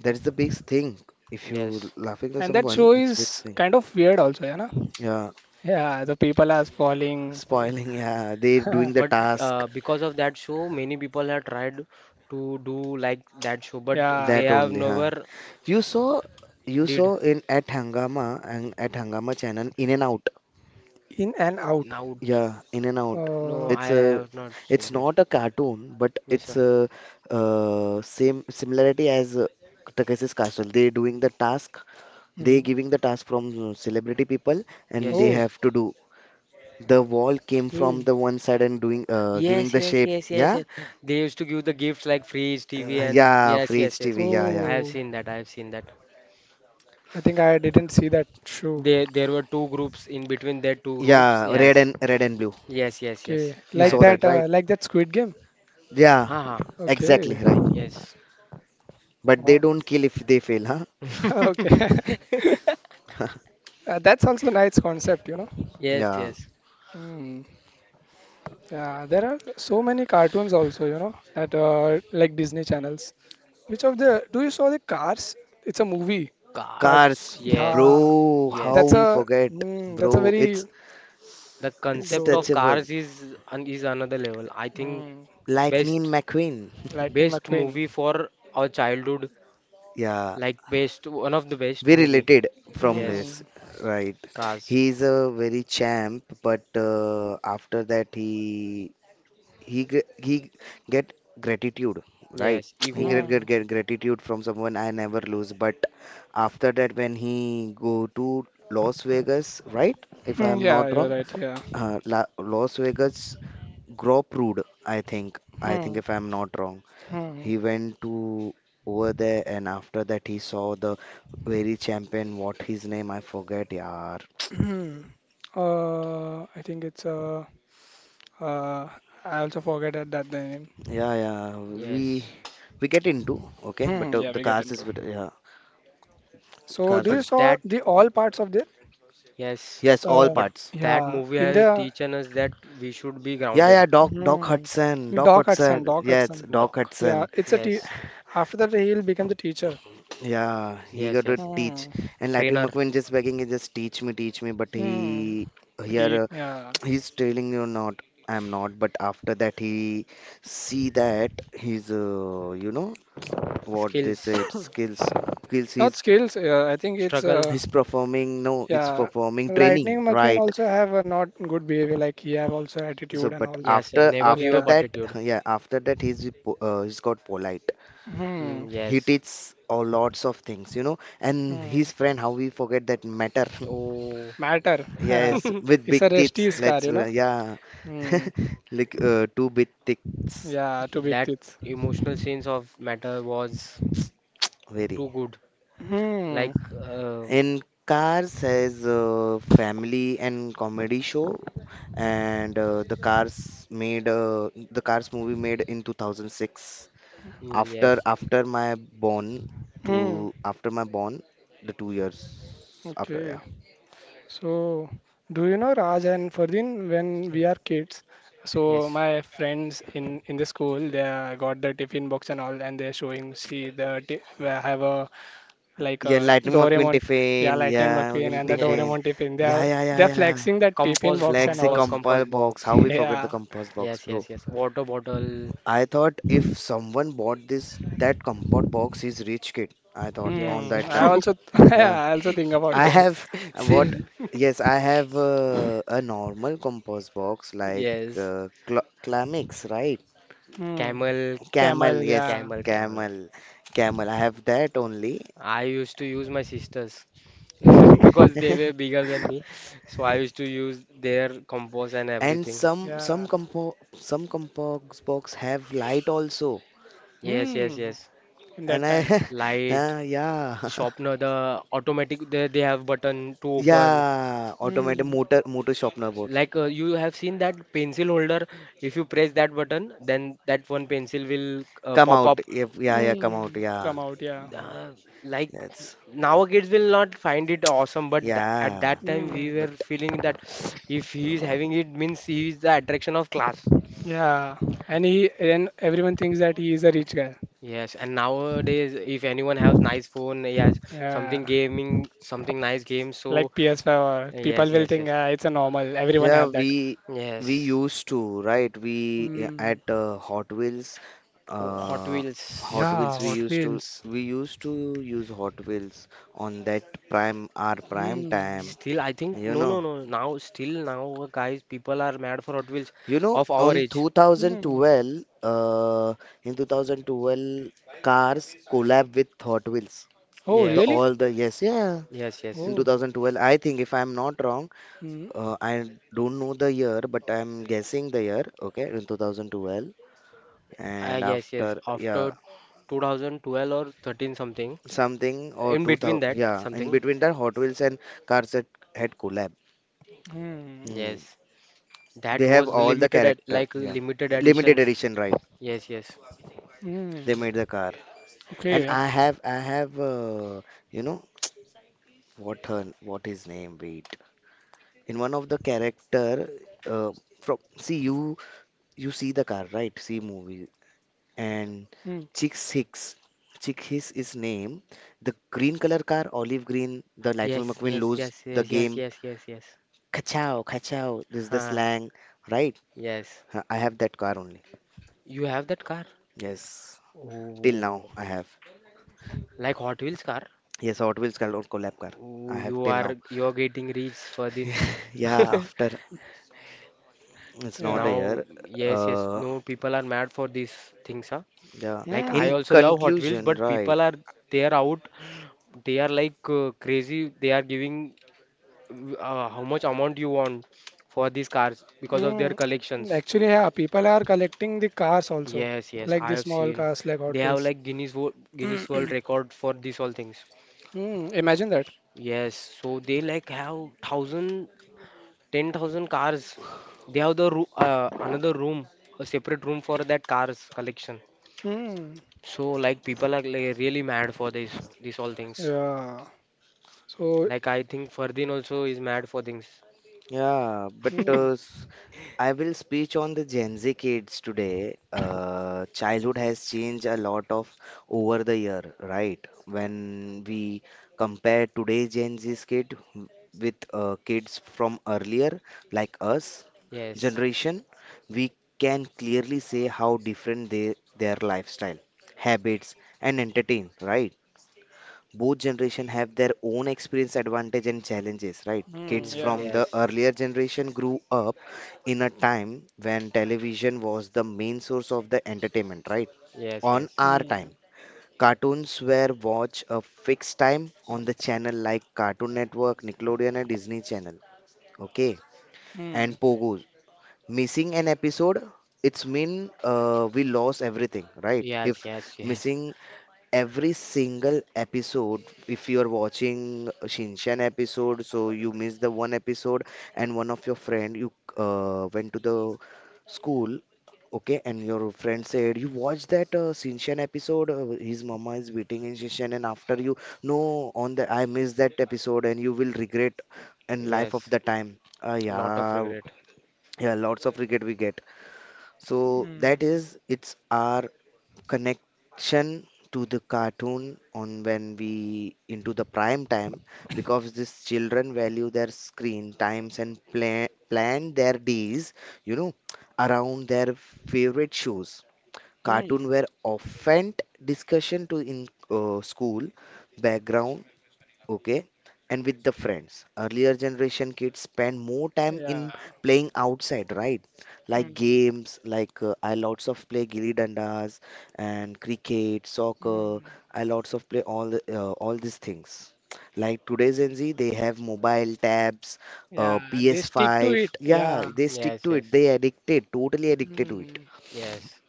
Speaker 2: That is the biggest thing. If you
Speaker 3: Yes.
Speaker 2: laughing at
Speaker 1: And that
Speaker 2: someone,
Speaker 1: show
Speaker 2: it's big
Speaker 1: is
Speaker 2: thing.
Speaker 1: kind of weird also, yeah, na?
Speaker 2: Yeah,
Speaker 1: Yeah, the people are falling.
Speaker 2: spoiling. Yeah, they doing the
Speaker 3: But
Speaker 2: task.
Speaker 3: because of that show, many people have tried to do like that show, but they
Speaker 1: Yeah.
Speaker 2: That
Speaker 3: have
Speaker 2: only, huh?
Speaker 3: never
Speaker 2: You saw, you
Speaker 3: did.
Speaker 2: saw in at Hangama, and at Hangama channel in and out.
Speaker 1: In and out.
Speaker 3: Now,
Speaker 2: Yeah, in and out.
Speaker 3: no,
Speaker 1: Uh,
Speaker 3: I
Speaker 2: It's a,
Speaker 3: have not
Speaker 2: it's
Speaker 3: seen it.
Speaker 2: not a cartoon, but
Speaker 3: Yes,
Speaker 2: it's
Speaker 3: sir.
Speaker 2: a same similarity as Takeshi's Castle. They doing the task, they
Speaker 1: Mm.
Speaker 2: giving the task from celebrity people, and
Speaker 3: Yes,
Speaker 2: they
Speaker 1: Oh,
Speaker 3: yes.
Speaker 2: have to do. The wall came from
Speaker 1: okay.
Speaker 2: the one side and doing, giving
Speaker 3: Yes,
Speaker 2: the
Speaker 3: yes,
Speaker 2: shape.
Speaker 3: yes, yes,
Speaker 2: Yeah,
Speaker 3: yes. They used to give the gifts like fridge, TV, and
Speaker 2: yeah,
Speaker 3: yes,
Speaker 2: Fridge
Speaker 3: yes, yes.
Speaker 2: TV. Yeah, yeah,
Speaker 3: I have
Speaker 1: Oh,
Speaker 3: seen that. I have seen that.
Speaker 1: I think I didn't see that show.
Speaker 3: There were two groups in between their two groups.
Speaker 2: yeah. Red
Speaker 3: Yes,
Speaker 2: and red and blue.
Speaker 3: yes, yes, yes.
Speaker 1: Okay.
Speaker 2: You
Speaker 3: I have
Speaker 2: saw
Speaker 3: seen
Speaker 2: that,
Speaker 3: it.
Speaker 2: right?
Speaker 1: Like that Squid Game.
Speaker 2: Yeah,
Speaker 3: Aha.
Speaker 2: exactly,
Speaker 1: Okay.
Speaker 2: right.
Speaker 3: Yes,
Speaker 2: But they
Speaker 1: Wow.
Speaker 2: don't kill if they fail, huh?
Speaker 1: Okay. That's also nice concept, you know.
Speaker 3: yes,
Speaker 2: Yeah.
Speaker 3: yes.
Speaker 1: Mm. Yeah, there are so many cartoons also, you know, at like Disney channels. Which of the do you saw the Cars? It's a movie. Car.
Speaker 3: Cars.
Speaker 2: Cars,
Speaker 3: Yes,
Speaker 1: Yeah,
Speaker 2: bro, how
Speaker 3: yes,
Speaker 1: that's
Speaker 2: we
Speaker 3: yes.
Speaker 1: a
Speaker 2: forget,
Speaker 1: mm, that's a
Speaker 2: bro. It's
Speaker 1: very
Speaker 3: The
Speaker 2: it's
Speaker 3: concept of
Speaker 1: bro.
Speaker 3: cars
Speaker 2: touchable.
Speaker 3: is an is another level. I think
Speaker 1: Mm,
Speaker 2: Lightning
Speaker 3: best
Speaker 2: McQueen.
Speaker 1: Lightning
Speaker 3: best
Speaker 1: McQueen.
Speaker 3: movie for our childhood.
Speaker 2: Yeah,
Speaker 3: Like best, one of the best
Speaker 2: we
Speaker 3: movie.
Speaker 2: related from this,
Speaker 3: Yes,
Speaker 1: Mm,
Speaker 2: right?
Speaker 3: cars.
Speaker 2: He's a very champ, but after that he get gratitude, right?
Speaker 3: Yes,
Speaker 2: He get,
Speaker 3: ego.
Speaker 2: get
Speaker 1: mm,
Speaker 2: get gratitude from someone. I never lose. But after that, when he go to Las Vegas, right? If
Speaker 1: mm,
Speaker 2: I'm not
Speaker 1: yeah, you're
Speaker 2: wrong,
Speaker 1: right. Yeah.
Speaker 2: La Las Vegas Groprud, I think. I think
Speaker 1: Hmm.
Speaker 2: if I'm not wrong.
Speaker 1: Hmm.
Speaker 2: He went to over there, and after that he saw the very champion, what his name, I forget, yaar.
Speaker 1: Mm. I think it's uh, I also forget that, that the name.
Speaker 2: Yeah, yeah, we
Speaker 3: Yes,
Speaker 2: we get into, okay, but
Speaker 1: Hmm, yeah,
Speaker 2: the
Speaker 1: we get
Speaker 2: cars is,
Speaker 1: into.
Speaker 2: with- yeah,
Speaker 1: So,
Speaker 2: cars
Speaker 1: do
Speaker 3: but
Speaker 1: you
Speaker 2: is,
Speaker 1: saw
Speaker 3: that,
Speaker 1: the all parts of the
Speaker 3: yes,
Speaker 2: yes, all
Speaker 1: uh,
Speaker 3: but
Speaker 2: parts.
Speaker 3: that
Speaker 1: yeah
Speaker 3: movie
Speaker 1: in
Speaker 3: has
Speaker 1: the
Speaker 3: teaching us that we should be
Speaker 2: Yeah,
Speaker 3: grounded,
Speaker 2: yeah, Doc, Doc
Speaker 1: Hmm.
Speaker 2: Hudson, Doc
Speaker 1: Doc Hudson,
Speaker 2: Hudson,
Speaker 1: Doc
Speaker 2: yes,
Speaker 1: Hudson.
Speaker 2: Doc
Speaker 3: doc.
Speaker 1: Yeah,
Speaker 2: Hudson.
Speaker 1: it's a t
Speaker 3: Yes,
Speaker 1: After that, he'll become the teacher.
Speaker 2: Yeah, he
Speaker 3: yes,
Speaker 2: got to
Speaker 3: yes.
Speaker 2: teach.
Speaker 1: Hmm.
Speaker 2: And Lightning
Speaker 3: Trainer,
Speaker 2: McQueen just begging, he just teach me, but
Speaker 1: Hmm.
Speaker 2: he,
Speaker 1: But he,
Speaker 2: here
Speaker 1: yeah,
Speaker 2: he's telling you, not I'm not. But after that he see that his, you know, what they
Speaker 3: skills,
Speaker 2: said, skills
Speaker 1: not skills. I think it's
Speaker 3: struggle.
Speaker 2: he's performing. No, it's
Speaker 1: yeah.
Speaker 2: performing training,
Speaker 1: Lightning McQueen
Speaker 2: right?
Speaker 1: also have a not good behavior. Like he have also
Speaker 2: So
Speaker 1: attitude and
Speaker 2: but
Speaker 1: all.
Speaker 3: Yes, and
Speaker 2: after
Speaker 3: never give
Speaker 2: after
Speaker 3: up
Speaker 1: Yeah,
Speaker 2: that
Speaker 3: attitude.
Speaker 2: yeah after that he's got polite.
Speaker 1: Hmm.
Speaker 3: Mm,
Speaker 2: He
Speaker 3: yes.
Speaker 2: teaches all lots of things, you know, and
Speaker 1: Hmm.
Speaker 2: his friend, how we forget that Matter?
Speaker 3: Oh,
Speaker 1: Matter.
Speaker 2: Yes, with
Speaker 1: It's
Speaker 2: big
Speaker 1: a
Speaker 2: teeth,
Speaker 1: rusty scar,
Speaker 2: let's
Speaker 1: you know.
Speaker 2: yeah.
Speaker 1: Hmm.
Speaker 2: Like two big teeth,
Speaker 1: Yeah, two big
Speaker 3: that
Speaker 1: teeth.
Speaker 3: emotional scenes of matter was too
Speaker 2: very.
Speaker 3: good.
Speaker 1: Hmm.
Speaker 3: Like, um,
Speaker 2: In Cars has a family and comedy show, and the Cars movie made in 2006,
Speaker 3: mm,
Speaker 2: after
Speaker 3: yes,
Speaker 2: after my born
Speaker 1: Hmm.
Speaker 2: to after my born, the 2 years after. Yeah,
Speaker 1: Okay. So, do you know Raj and Ferdin when we are kids? So
Speaker 3: yes.
Speaker 1: my friends in the school they got the tiffin box and all, and they're showing see the ti- we have a like
Speaker 2: yeah,
Speaker 1: a
Speaker 2: Lightning McQueen
Speaker 1: Doraemon,
Speaker 2: Tiffin,
Speaker 1: yeah, Lightning
Speaker 2: yeah,
Speaker 1: McQueen
Speaker 2: McQueen
Speaker 1: and the
Speaker 2: Tiffin.
Speaker 3: Yes.
Speaker 1: Doraemon tiffin.
Speaker 2: Yeah, yeah, yeah,
Speaker 1: They're
Speaker 2: yeah.
Speaker 1: flexing that tiffin box and
Speaker 2: Flexi
Speaker 1: also.
Speaker 2: compass
Speaker 3: Compost
Speaker 2: box,
Speaker 3: box.
Speaker 2: how we forget the
Speaker 1: Yeah.
Speaker 2: compass box,
Speaker 3: Yes,
Speaker 2: bro?
Speaker 3: yes, yes. Water bottle.
Speaker 2: I thought if someone bought this, that compass box is rich kid, I thought on
Speaker 3: Yes,
Speaker 1: Hmm.
Speaker 2: that
Speaker 1: I
Speaker 2: time.
Speaker 3: true.
Speaker 1: also
Speaker 2: Yeah.
Speaker 1: yeah, I also think about
Speaker 2: I
Speaker 1: that.
Speaker 3: Yes,
Speaker 2: have what?
Speaker 3: same.
Speaker 2: Yes, I have a normal compost box, like
Speaker 3: Yes,
Speaker 2: cl Clamix, right?
Speaker 1: Hmm.
Speaker 3: camel,
Speaker 2: Camel,
Speaker 1: Camel.
Speaker 2: yes,
Speaker 1: Yeah.
Speaker 3: camel, camel.
Speaker 2: camel, camel. I have that only.
Speaker 3: I used to use my sisters because they were bigger than me. So I used to use their compost and
Speaker 2: And
Speaker 3: everything.
Speaker 2: some some
Speaker 1: Yeah.
Speaker 2: compo some compost box have light also.
Speaker 3: Yes, yes,
Speaker 1: Hmm.
Speaker 3: yes.
Speaker 1: In that
Speaker 2: And I,
Speaker 1: time.
Speaker 3: Light,
Speaker 2: yeah,
Speaker 3: sharpener, the automatic, they have button to open.
Speaker 2: yeah, automated
Speaker 1: Hmm.
Speaker 2: motor sharpener board.
Speaker 3: Like you have seen that pencil holder. If you press that button, then that one pencil will
Speaker 2: Come
Speaker 3: pop
Speaker 2: out,
Speaker 3: up
Speaker 2: if, yeah, yeah, come out,
Speaker 1: Hmm.
Speaker 2: yeah,
Speaker 1: Come out. Yeah.
Speaker 3: uh, like
Speaker 2: yes,
Speaker 3: now, kids will not find it awesome, but th at
Speaker 2: yeah.
Speaker 3: that time we
Speaker 1: Mm.
Speaker 2: But
Speaker 3: were feeling that if he is having it, means he is the attraction of class.
Speaker 1: Yeah, and he and everyone thinks that he is a rich guy.
Speaker 3: Yes, and nowadays, if anyone has nice phone, he has something
Speaker 1: Yeah,
Speaker 3: gaming, something nice game,
Speaker 1: like
Speaker 3: so
Speaker 1: PS5 or people
Speaker 3: yes,
Speaker 1: will
Speaker 3: yes,
Speaker 1: think
Speaker 3: yes,
Speaker 1: it's a normal. Everyone
Speaker 2: yeah,
Speaker 1: have that.
Speaker 2: we
Speaker 3: yes.
Speaker 2: used to, right? We
Speaker 1: Mm.
Speaker 2: at Hot Wheels,
Speaker 3: Oh, Hot
Speaker 2: uh, Hot
Speaker 3: Wheels.
Speaker 2: Wheels.
Speaker 1: Yeah,
Speaker 2: We
Speaker 1: Hot
Speaker 2: used to
Speaker 1: Wheels.
Speaker 2: we used to use Hot Wheels on that prime our prime
Speaker 1: Mm.
Speaker 2: time.
Speaker 3: Still, I think,
Speaker 2: You
Speaker 3: no, no,
Speaker 2: know,
Speaker 3: no, now still, now guys, people are mad for Hot Wheels
Speaker 2: you know,
Speaker 3: of
Speaker 2: on
Speaker 3: our age.
Speaker 1: Mm.
Speaker 2: 2012, in 2012, cars collab with Hot Wheels.
Speaker 1: Oh,
Speaker 2: The
Speaker 3: Yes,
Speaker 1: really?
Speaker 2: all the, yes, yeah.
Speaker 3: yes, yes.
Speaker 2: In
Speaker 1: Oh,
Speaker 2: 2012, I think if I'm not wrong,
Speaker 1: Mm.
Speaker 2: I don't know the year, but I'm guessing the year. Okay, in 2012. And
Speaker 3: Yes,
Speaker 2: after
Speaker 3: yes.
Speaker 2: yeah
Speaker 3: After 2012 or 13 something,
Speaker 2: something or
Speaker 3: in between
Speaker 2: 2000,
Speaker 3: that
Speaker 2: yeah, in
Speaker 3: something.
Speaker 2: between that Hot Wheels and Cars had, had collab.
Speaker 1: Mm.
Speaker 2: Hmm.
Speaker 3: Yes, that
Speaker 2: They have
Speaker 3: was the
Speaker 2: all the
Speaker 3: limited ed
Speaker 2: character,
Speaker 3: like
Speaker 2: yeah,
Speaker 3: limited
Speaker 2: limited
Speaker 3: editions.
Speaker 2: edition, right?
Speaker 3: Yes, yes,
Speaker 1: Mm.
Speaker 2: They made the car, and
Speaker 1: Okay.
Speaker 2: I have you know, what her what his name, wait, in one of the character, uh, from, see you, you see the car, right, see movie, and
Speaker 1: Mm.
Speaker 2: Chick Hicks, Chick Hicks is name, the green color car, olive green, the Lightning
Speaker 3: yes,
Speaker 2: McQueen
Speaker 3: yes,
Speaker 2: lose
Speaker 3: yes,
Speaker 2: the
Speaker 3: yes, yes,
Speaker 2: game.
Speaker 3: yes, yes, yes.
Speaker 2: Kachao, kachao is the
Speaker 3: Huh.
Speaker 2: slang, right?
Speaker 3: Yes.
Speaker 2: Huh, I have that car only.
Speaker 3: You have that car?
Speaker 2: Yes, till
Speaker 3: Oh,
Speaker 2: now I have.
Speaker 3: like Hot Wheels car?
Speaker 2: Yes, Hot Wheels car or collab car. I
Speaker 3: Oh,
Speaker 2: have
Speaker 3: you
Speaker 2: till now.
Speaker 3: are you're getting rich, Ferdin.
Speaker 2: Yeah, after, it's not a
Speaker 1: Yeah,
Speaker 3: Now,
Speaker 2: year.
Speaker 3: yes, yes,
Speaker 2: Uh,
Speaker 3: no, people are mad for these things, huh?
Speaker 2: yeah.
Speaker 3: Like I
Speaker 2: In
Speaker 1: Mm.
Speaker 3: also love Hot Wheels,
Speaker 2: conclusion,
Speaker 3: but
Speaker 2: right?
Speaker 3: people are they are out. They are like crazy. They are giving how much amount you want for these cars because of their
Speaker 1: Mm. And
Speaker 3: collections.
Speaker 1: actually, yeah, people are collecting the cars also,
Speaker 3: Yes, yes,
Speaker 1: like
Speaker 3: I
Speaker 1: the
Speaker 3: have
Speaker 1: small
Speaker 3: seen.
Speaker 1: cars like
Speaker 3: They
Speaker 1: Hot
Speaker 3: have
Speaker 1: Wheels.
Speaker 3: like Guinness World Record for these all things.
Speaker 1: Hmm, imagine that.
Speaker 3: Yes, so they like have thousand, 10,000 cars. They have the roo another room, a separate room for that cars collection.
Speaker 1: Hmm.
Speaker 3: So like people are like really mad for this, these all things.
Speaker 1: Yeah. So,
Speaker 3: Like I think Ferdin also is mad for things.
Speaker 2: Yeah, but
Speaker 1: mm,
Speaker 2: I will speak on the Gen Z kids today. Childhood has changed a lot of over the year, right? When we compare today's Gen Z kid with kids from earlier, like us
Speaker 3: Yes,
Speaker 2: generation, we can clearly say how different they their lifestyle, habits, and entertain, right? Both generation have their own experience, advantage, and challenges, right?
Speaker 1: mm,
Speaker 2: Kids
Speaker 3: mm,
Speaker 1: yeah.
Speaker 2: from the
Speaker 3: yes.
Speaker 2: earlier generation grew up in a time when television was the main source of the entertainment, right?
Speaker 3: Yes,
Speaker 2: On
Speaker 3: yes.
Speaker 2: our
Speaker 1: Mm.
Speaker 2: time, cartoons were watched a fixed time on the channel, like Cartoon Network, Nickelodeon, and Disney Channel, okay,
Speaker 1: Mm.
Speaker 2: and Pogos. Missing an episode, it's mean we lost everything, right?
Speaker 3: Yes,
Speaker 2: If
Speaker 3: yes, yes.
Speaker 2: missing every single episode, if you are watching a Shinchan episode, so you miss the one episode, and one of your friend, you went to the school, okay, and your friend said, you watched that Shinchan episode, his mama is beating in Shinchan, and after you, no, on the, I missed that episode, and you will regret in life of
Speaker 3: Yes.
Speaker 2: the time. Ah,
Speaker 3: Lot of
Speaker 2: yeah,
Speaker 3: regret.
Speaker 2: yeah, lots of regret we get. So
Speaker 1: Mm.
Speaker 2: that is, it's our connection to the cartoon on when we into the prime time, because these children value their screen times and plan their days, you know, around their favorite shows. Cartoon
Speaker 1: Mm.
Speaker 2: were often discussion to in school background, okay, and with the friends. Earlier generation kids spend more time in
Speaker 1: Yeah.
Speaker 2: playing outside, right? Like
Speaker 1: Mm.
Speaker 2: games like I lots of play gilli dandas and cricket, soccer.
Speaker 1: Mm.
Speaker 2: I lots of play all the, all these things. Like today's Gen Z, they have mobile tabs,
Speaker 1: Yeah. They stick to
Speaker 2: PS5.
Speaker 1: it.
Speaker 2: Yeah,
Speaker 1: Yeah.
Speaker 2: they stick
Speaker 3: Yes,
Speaker 2: to
Speaker 3: yes.
Speaker 2: it. They addicted, totally addicted to it.
Speaker 1: Mm.
Speaker 3: Yes.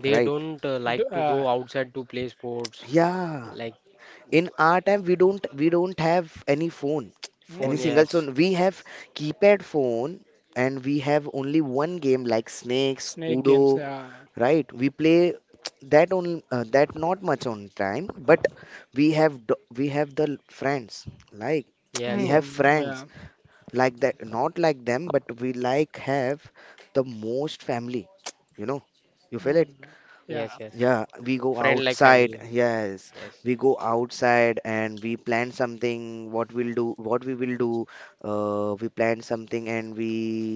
Speaker 3: They
Speaker 2: Right?
Speaker 3: don't
Speaker 1: D-
Speaker 3: like to go outside to play sports.
Speaker 2: Yeah,
Speaker 3: Like
Speaker 2: in
Speaker 3: d-
Speaker 2: our time we don't have any phone. Any
Speaker 3: phone,
Speaker 1: mm.
Speaker 2: single
Speaker 3: yes.
Speaker 2: phone we have, keypad phone, and we have only one game like snakes
Speaker 1: Snake
Speaker 2: kudo,
Speaker 1: games, yeah.
Speaker 2: right? We play that only, that not much on time, but we have friends, like, we
Speaker 3: Yes,
Speaker 2: have
Speaker 3: yes.
Speaker 1: Mm.
Speaker 2: friends,
Speaker 1: Yeah.
Speaker 2: like, that not like them, but we like have the most family. You know, you feel it.
Speaker 1: Mm.
Speaker 3: Yes,
Speaker 1: Yeah.
Speaker 3: yes.
Speaker 2: Yeah, we go
Speaker 3: Friend like
Speaker 2: outside.
Speaker 3: family.
Speaker 2: Yes,
Speaker 3: Yes.
Speaker 2: we go outside and we plan something. What we'll do, what we will do. We plan something, and we,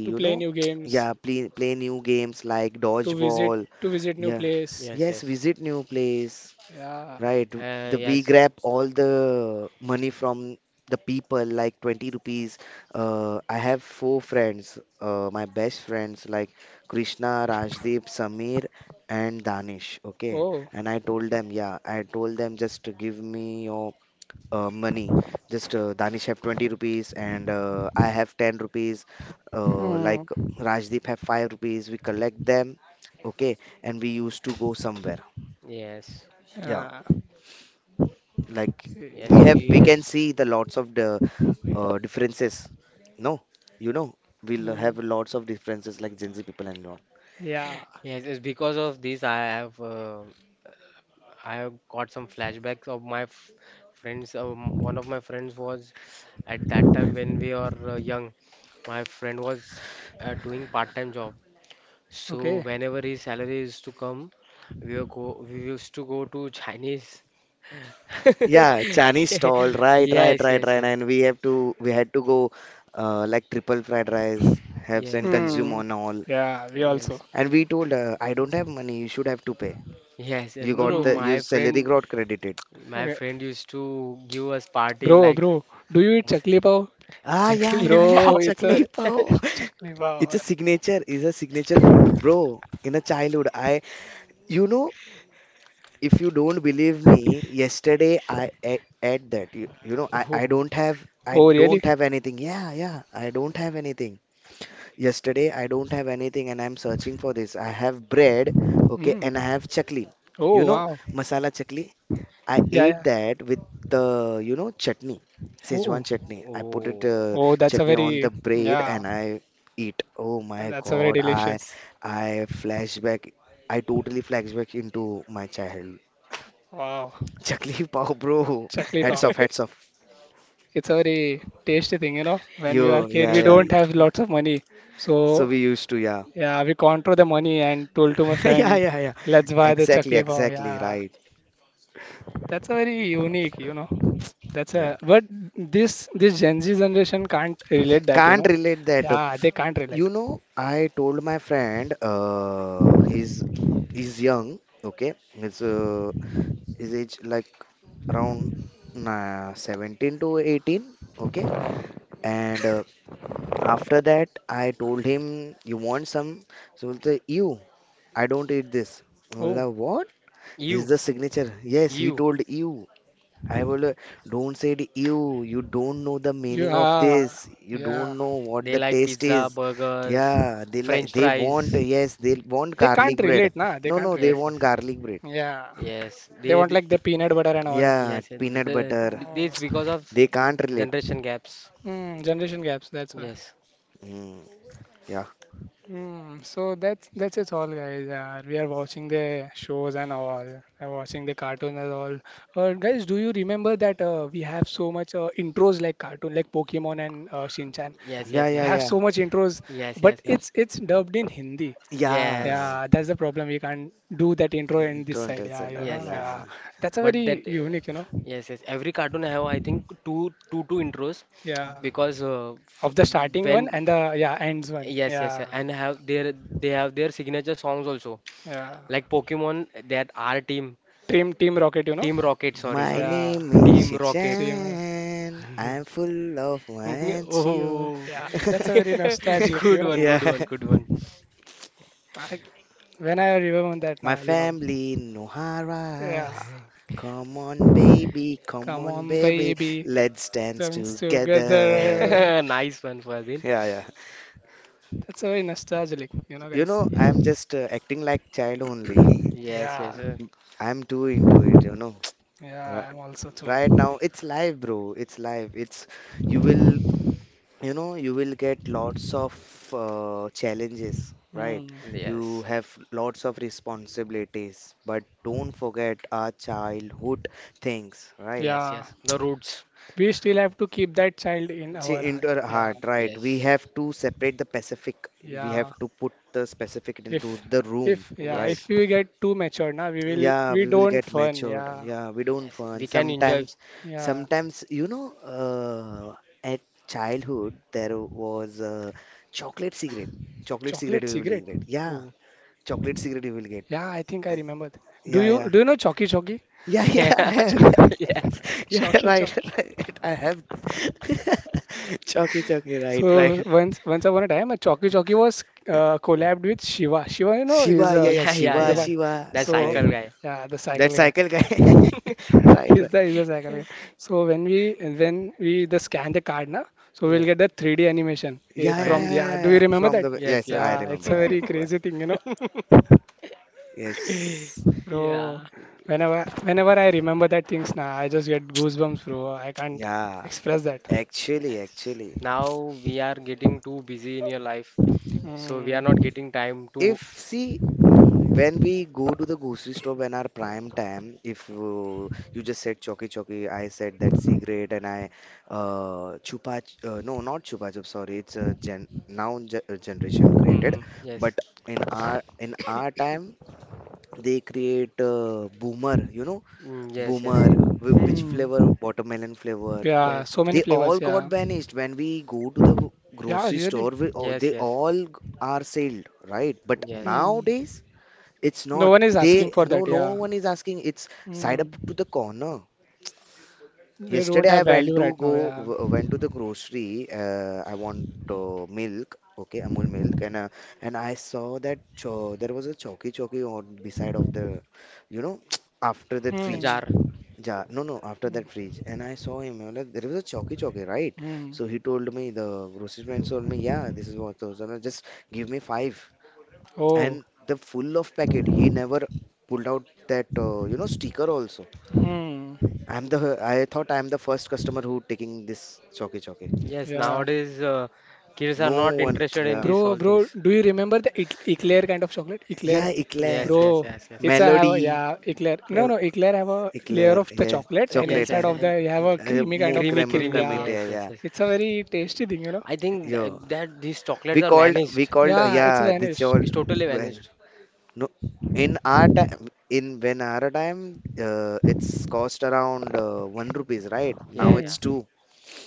Speaker 1: To
Speaker 2: you
Speaker 1: play
Speaker 2: know,
Speaker 1: new games,
Speaker 2: yeah, play new games like
Speaker 1: to visit
Speaker 2: dodgeball.
Speaker 1: to visit new
Speaker 2: Yeah,
Speaker 1: place.
Speaker 3: Yes,
Speaker 2: yes,
Speaker 3: yes.
Speaker 2: visit new place.
Speaker 1: Yeah.
Speaker 2: Right. The, we
Speaker 3: Yes.
Speaker 2: grab all the money from the people, like 20 rupees. I have four friends, my best friends, like Krishna, Rajdeep, Samir, and Danish. Okay.
Speaker 1: Oh.
Speaker 2: And I told them, yeah, I told them just to give me your money. Just Danish have 20 rupees, and I have 10 rupees.
Speaker 1: Hmm.
Speaker 2: Like Rajdeep have 5 rupees. We collect them. Okay. And we used to go somewhere.
Speaker 3: Yes.
Speaker 2: Yeah.
Speaker 1: Yeah.
Speaker 2: Like,
Speaker 1: Okay.
Speaker 2: we
Speaker 3: Yes,
Speaker 2: have, we can
Speaker 3: yes,
Speaker 2: see the lots of the differences. No, you know, we'll have
Speaker 1: Hmm.
Speaker 2: lots of differences like Gen Z people and all.
Speaker 1: Yeah.
Speaker 3: yes. It's because of this I have got some flashbacks of my f friends. One of my friends was at that time when we are young, my friend was doing part-time job. So
Speaker 1: Okay.
Speaker 3: whenever his salary is to come, we will go. We used to go to Chinese.
Speaker 2: Yeah, Chinese stall, right, right,
Speaker 3: Yes,
Speaker 2: right,
Speaker 3: yes,
Speaker 2: right.
Speaker 3: yes,
Speaker 2: And we had to go like triple fried rice, have and
Speaker 3: yes,
Speaker 2: consume
Speaker 1: Hmm.
Speaker 2: on all.
Speaker 1: Yeah, we also.
Speaker 3: yes,
Speaker 2: And we told, I don't have money, you should have to pay.
Speaker 3: yes. Uh,
Speaker 2: You
Speaker 3: No,
Speaker 2: got
Speaker 3: no.
Speaker 2: the, your
Speaker 1: Hmm.
Speaker 3: My
Speaker 2: salary
Speaker 3: friend,
Speaker 2: got credited.
Speaker 3: my
Speaker 1: Okay.
Speaker 3: friend used to give us party
Speaker 1: Bro,
Speaker 3: like
Speaker 1: bro, do you eat
Speaker 3: yes,
Speaker 1: chakli pav?
Speaker 2: Ah, yeah,
Speaker 3: chakli
Speaker 2: yeah, yeah,
Speaker 1: Bro,
Speaker 3: pop.
Speaker 1: it's a
Speaker 2: chakli pao.
Speaker 1: chakli pav.
Speaker 2: It's a signature food, bro. In a childhood, I, you know, if you don't believe me, yesterday I ate that. You know, I
Speaker 1: Oh, really?
Speaker 2: don't have anything. Yeah, yeah, I don't have anything. Yesterday I don't have anything, and I'm searching for this. I have bread, okay,
Speaker 1: Hmm.
Speaker 2: and I have chakli. You
Speaker 1: Oh,
Speaker 2: know,
Speaker 1: wow.
Speaker 2: masala chakli. I
Speaker 1: Yeah,
Speaker 2: ate
Speaker 1: yeah.
Speaker 2: that with the, you know, chutney,
Speaker 1: Oh,
Speaker 2: Szechuan chutney. I put it
Speaker 3: Oh,
Speaker 1: oh, that's a
Speaker 2: chutney on
Speaker 1: very,
Speaker 2: the bread
Speaker 1: yeah,
Speaker 2: and I eat. Oh my
Speaker 1: that's a very
Speaker 2: God, I
Speaker 1: delicious.
Speaker 2: I flashback. I totally flashback into my childhood.
Speaker 1: Wow,
Speaker 2: Chakli Pao, bro.
Speaker 1: chakli
Speaker 2: Heads
Speaker 1: pav.
Speaker 2: off, heads off.
Speaker 1: It's a very tasty thing, you know. When we are
Speaker 2: Yo,
Speaker 1: kid,
Speaker 2: yeah,
Speaker 1: we
Speaker 2: yeah.
Speaker 1: don't
Speaker 3: true,
Speaker 1: have
Speaker 3: true.
Speaker 1: lots of money,
Speaker 2: So
Speaker 1: so
Speaker 2: we used to, yeah.
Speaker 1: yeah, we control the money and told to my
Speaker 2: Yeah,
Speaker 1: friend,
Speaker 2: yeah, yeah.
Speaker 1: let's buy the
Speaker 2: Exactly,
Speaker 1: chakli pav.
Speaker 2: exactly,
Speaker 1: Yeah,
Speaker 2: right.
Speaker 1: that's a very unique, you know. That's
Speaker 2: Yeah.
Speaker 1: a but this Gen Z generation can't relate that, you
Speaker 2: Can't
Speaker 1: know.
Speaker 2: relate that.
Speaker 1: Yeah, they can't relate.
Speaker 2: You know, I told my friend, he's young, okay? His uh, his age like around 17 to 18, okay? And after that, I told him, you want some? So he'll say, you, I don't eat this.
Speaker 1: Oh,
Speaker 2: I what? This is
Speaker 3: You,
Speaker 2: the signature. Yes, he
Speaker 3: you.
Speaker 2: told you. I will don't say said you. You don't know the meaning of
Speaker 1: yeah,
Speaker 2: this. You
Speaker 1: yeah.
Speaker 2: don't know what
Speaker 3: They
Speaker 2: the
Speaker 3: like
Speaker 2: taste
Speaker 3: pizza,
Speaker 2: is.
Speaker 3: burgers,
Speaker 2: Yeah, they like
Speaker 3: French
Speaker 2: they want,
Speaker 3: fries.
Speaker 2: yes, they want
Speaker 1: They can't
Speaker 2: garlic bread.
Speaker 1: relate, nah. They
Speaker 2: No,
Speaker 1: can't
Speaker 2: no, they
Speaker 1: relate.
Speaker 3: Yes,
Speaker 2: want
Speaker 3: yes,
Speaker 2: garlic bread.
Speaker 1: Yeah.
Speaker 3: yes.
Speaker 1: They
Speaker 3: They,
Speaker 1: want
Speaker 3: they
Speaker 1: like the peanut butter and all.
Speaker 2: Yeah,
Speaker 3: yes, yes. The,
Speaker 2: peanut butter.
Speaker 3: the,
Speaker 1: Oh,
Speaker 3: this because of
Speaker 2: They can't relate.
Speaker 3: generation gaps.
Speaker 1: mm, generation gaps. That's why.
Speaker 3: Yes,
Speaker 2: Mm, yeah,
Speaker 1: Mm, so that's it all, guys. We are watching the shows and all, watching the cartoon and all. Guys, do you remember that we have so much intros like cartoon, like Pokemon and Shinchan?
Speaker 3: yes,
Speaker 2: yeah,
Speaker 3: yes,
Speaker 1: We
Speaker 2: yeah,
Speaker 3: yes,
Speaker 1: have
Speaker 2: yeah,
Speaker 1: so much intros,
Speaker 3: yes,
Speaker 1: but
Speaker 3: yes,
Speaker 1: it's dubbed in Hindi.
Speaker 3: yes,
Speaker 2: yeah.
Speaker 3: yes,
Speaker 1: Yeah, that's the problem. We can't do that intro in
Speaker 2: You
Speaker 1: this
Speaker 2: don't
Speaker 1: side. Yeah,
Speaker 2: understand.
Speaker 1: you
Speaker 2: Uh,
Speaker 1: know.
Speaker 3: yes. Yes.
Speaker 1: Yeah,
Speaker 2: yeah.
Speaker 1: that's a
Speaker 3: But
Speaker 1: very
Speaker 3: that,
Speaker 1: unique, you know.
Speaker 3: yes, yes. Every cartoon have, I think, two intros
Speaker 1: Yeah.
Speaker 3: because f
Speaker 1: Of the starting one
Speaker 3: when
Speaker 1: and the yeah ends one.
Speaker 3: yes, yes, yes,
Speaker 1: Yeah,
Speaker 3: and have their they have their signature songs also.
Speaker 1: yeah.
Speaker 3: Like Pokemon, that our team,
Speaker 1: Team Team Rocket, you know.
Speaker 3: Team Rocket, sorry,
Speaker 2: My
Speaker 3: sorry.
Speaker 1: Yeah,
Speaker 2: name is
Speaker 3: Team Rocket.
Speaker 1: Team. Ro-
Speaker 2: Shinchan. I'm full of Wancio.
Speaker 3: Oh,
Speaker 1: Yeah, that's a very nostalgic, you
Speaker 3: good
Speaker 1: know.
Speaker 3: one, good one,
Speaker 2: Yeah.
Speaker 3: good one.
Speaker 1: I, when I remember that
Speaker 2: My
Speaker 1: now, you know.
Speaker 2: family no
Speaker 1: Yeah,
Speaker 2: harass. Come on, baby. Come
Speaker 1: come
Speaker 2: on,
Speaker 1: on,
Speaker 2: baby.
Speaker 1: baby,
Speaker 2: Let's dance
Speaker 1: comes
Speaker 2: together.
Speaker 1: together.
Speaker 3: Nice one, Fazin.
Speaker 2: Yeah, yeah.
Speaker 1: That's a very nostalgic, you know,
Speaker 2: You
Speaker 1: guys.
Speaker 2: know,
Speaker 3: Yes,
Speaker 2: I'm just acting like child only.
Speaker 3: yes, yes,
Speaker 1: Yeah,
Speaker 2: I'm too into it, you know.
Speaker 1: yeah.
Speaker 2: Right,
Speaker 1: I'm also too.
Speaker 2: right now, it's live, bro. It's live. It's, you will, you know, you will get lots of challenges, right?
Speaker 1: Hmm.
Speaker 2: You
Speaker 3: yes,
Speaker 2: have lots of responsibilities, but don't forget our childhood things, right?
Speaker 3: yes,
Speaker 1: Yeah,
Speaker 3: yes. The roots.
Speaker 1: we still have to keep that child in
Speaker 2: See,
Speaker 1: our heart.
Speaker 2: into our
Speaker 1: Yeah,
Speaker 2: heart, right? We
Speaker 3: Yes,
Speaker 2: have to separate the specific. We
Speaker 1: yeah.
Speaker 2: have to put the specific into
Speaker 1: If
Speaker 2: the room,
Speaker 1: if yeah,
Speaker 2: right?
Speaker 1: if
Speaker 3: yes,
Speaker 1: we get too mature now, we will
Speaker 2: Yeah,
Speaker 1: we
Speaker 2: we will
Speaker 1: don't
Speaker 2: get
Speaker 1: fun.
Speaker 2: matured.
Speaker 1: Yeah,
Speaker 2: Yeah, we don't
Speaker 3: yes.
Speaker 2: fun.
Speaker 3: We can enjoy.
Speaker 2: Sometimes,
Speaker 1: yeah.
Speaker 2: sometimes, you know, at childhood there was chocolate cigarette. Chocolate cigarette
Speaker 1: Chocolate
Speaker 2: we will
Speaker 1: cigarette.
Speaker 2: get. Yeah,
Speaker 3: Oh,
Speaker 2: chocolate cigarette we will get.
Speaker 1: Yeah, I think I
Speaker 2: Like,
Speaker 1: remember. Do you
Speaker 2: yeah,
Speaker 1: do you know Chalky Chalky?
Speaker 2: yeah, yeah,
Speaker 3: yeah,
Speaker 2: yeah. I have.
Speaker 3: yes.
Speaker 2: Yeah,
Speaker 1: Chalky
Speaker 2: right,
Speaker 1: Chalky.
Speaker 2: right. I have. Chalky, chalky. Right,
Speaker 1: So
Speaker 2: right.
Speaker 1: once upon a time, a Chalky Chalky was collabed with Shiva. Shiva, you know,
Speaker 2: Shiva. Yeah, yeah.
Speaker 3: Yeah, yeah,
Speaker 1: is a
Speaker 2: Shiva,
Speaker 3: yeah.
Speaker 1: bike.
Speaker 3: That
Speaker 2: Shiva.
Speaker 1: So
Speaker 2: Yeah.
Speaker 3: cycle guy.
Speaker 1: yeah, the
Speaker 2: That
Speaker 1: cycle guy.
Speaker 2: cycle guy. Right,
Speaker 1: is
Speaker 2: right.
Speaker 1: the is the cycle. Yeah. So when we and when we the scan the card now, so we'll
Speaker 3: Yes.
Speaker 1: get the 3D animation
Speaker 2: Yeah,
Speaker 3: Oh,
Speaker 2: yeah,
Speaker 1: from
Speaker 2: yeah, yeah,
Speaker 3: yes.
Speaker 1: yeah.
Speaker 2: yeah,
Speaker 1: Do you
Speaker 2: yeah.
Speaker 1: remember
Speaker 2: From
Speaker 1: that?
Speaker 2: the
Speaker 3: Yes,
Speaker 2: yes,
Speaker 3: yes,
Speaker 2: I
Speaker 3: yes.
Speaker 1: Yeah, it's
Speaker 2: remember,
Speaker 1: a
Speaker 2: I
Speaker 1: very
Speaker 2: remember.
Speaker 1: crazy thing, you know,
Speaker 2: Yes,
Speaker 1: bro.
Speaker 3: Yeah.
Speaker 1: Whenever I remember that things now, I just get goosebumps, bro. I can't
Speaker 2: yeah.
Speaker 1: express that.
Speaker 2: Actually,
Speaker 3: Yes.
Speaker 2: actually,
Speaker 3: Now we are getting too busy in your life, so we are not
Speaker 1: Mm.
Speaker 3: getting time
Speaker 2: if
Speaker 3: to.
Speaker 2: see when we go to the grocery store when our prime time, if you just said choki choki, I said that cigarette, and I no, not chupa chup. Sorry, it's a gen now ge generation created,
Speaker 3: Mm-hmm.
Speaker 2: but
Speaker 3: Yes.
Speaker 2: in our time. They create boomer, you know,
Speaker 3: Mm, yes, yes.
Speaker 2: boomer, which flavor?
Speaker 1: Mm.
Speaker 2: Watermelon flavor.
Speaker 1: Yeah,
Speaker 3: Yes.
Speaker 1: so many
Speaker 2: They all
Speaker 1: flavors. Yeah,
Speaker 2: got banished. When we go to the
Speaker 1: yeah,
Speaker 2: grocery
Speaker 1: really.
Speaker 2: store, we, oh,
Speaker 3: Yes,
Speaker 2: they
Speaker 3: yes.
Speaker 2: all are sealed, right? But
Speaker 3: Yes.
Speaker 1: Mm.
Speaker 2: nowadays, it's
Speaker 1: No
Speaker 2: not.
Speaker 1: one is asking
Speaker 2: They
Speaker 1: for
Speaker 2: no,
Speaker 1: that.
Speaker 2: no
Speaker 1: Yeah.
Speaker 2: one is asking. It's side up to
Speaker 1: Mm.
Speaker 2: the corner.
Speaker 1: They don't
Speaker 2: Yesterday, I
Speaker 1: have value right now. Yeah.
Speaker 2: went to the grocery. I want milk. Okay, Amul milk, and I saw that cho there was a chalky chalky on beside of the, you know, after the fridge.
Speaker 1: Mm.
Speaker 3: Jar.
Speaker 2: Yeah, no, no, after that freeze. And I saw him, I was like, there was a Chowky Chowky, right?
Speaker 1: Mm.
Speaker 2: So he told me, the grocery man told me, yeah, this is what those are, no, just give me five.
Speaker 1: Oh.
Speaker 2: And the full of packet, he never pulled out that, you know, sticker also.
Speaker 1: Hmm.
Speaker 2: I thought I'm the first customer who taking this Chowky Chowky.
Speaker 3: Yes,
Speaker 1: Yeah.
Speaker 3: nowadays kids are
Speaker 2: No
Speaker 3: not
Speaker 2: one,
Speaker 3: interested in
Speaker 2: yeah.
Speaker 3: these
Speaker 1: Bro,
Speaker 3: all
Speaker 1: bro,
Speaker 3: things.
Speaker 1: do you remember the eclair kind of chocolate?
Speaker 2: Yeah,
Speaker 1: Eclair.
Speaker 2: eclair,
Speaker 3: Yes, yes,
Speaker 1: Bro,
Speaker 3: yes, yes.
Speaker 1: it's a have a
Speaker 2: melody,
Speaker 1: yeah, eclair. No,
Speaker 2: uh,
Speaker 1: no, eclair have a
Speaker 2: eclair,
Speaker 1: layer of the
Speaker 2: yeah,
Speaker 1: chocolate and
Speaker 3: Yes,
Speaker 2: chocolate
Speaker 1: inside
Speaker 3: yes,
Speaker 2: and
Speaker 1: of
Speaker 3: yes.
Speaker 1: the you have a creamy kind
Speaker 2: moo
Speaker 1: of
Speaker 3: Creamy,
Speaker 2: creme,
Speaker 1: thing.
Speaker 3: creamy.
Speaker 2: creme,
Speaker 1: Yeah.
Speaker 3: Yes, yes,
Speaker 2: yeah,
Speaker 3: yes.
Speaker 1: It's a very tasty thing, you know.
Speaker 3: I
Speaker 2: yeah.
Speaker 3: think
Speaker 2: Yo,
Speaker 3: that these chocolates
Speaker 2: we
Speaker 3: are
Speaker 2: called we
Speaker 3: vanished.
Speaker 2: called
Speaker 1: Yeah, it's
Speaker 2: yeah this
Speaker 1: vanished.
Speaker 2: all
Speaker 3: It's totally
Speaker 2: when
Speaker 3: vanished.
Speaker 2: no in our time in when our time it's cost around 1 rupees, right? Now
Speaker 3: Yeah, yeah.
Speaker 1: Hmm.
Speaker 2: it's two,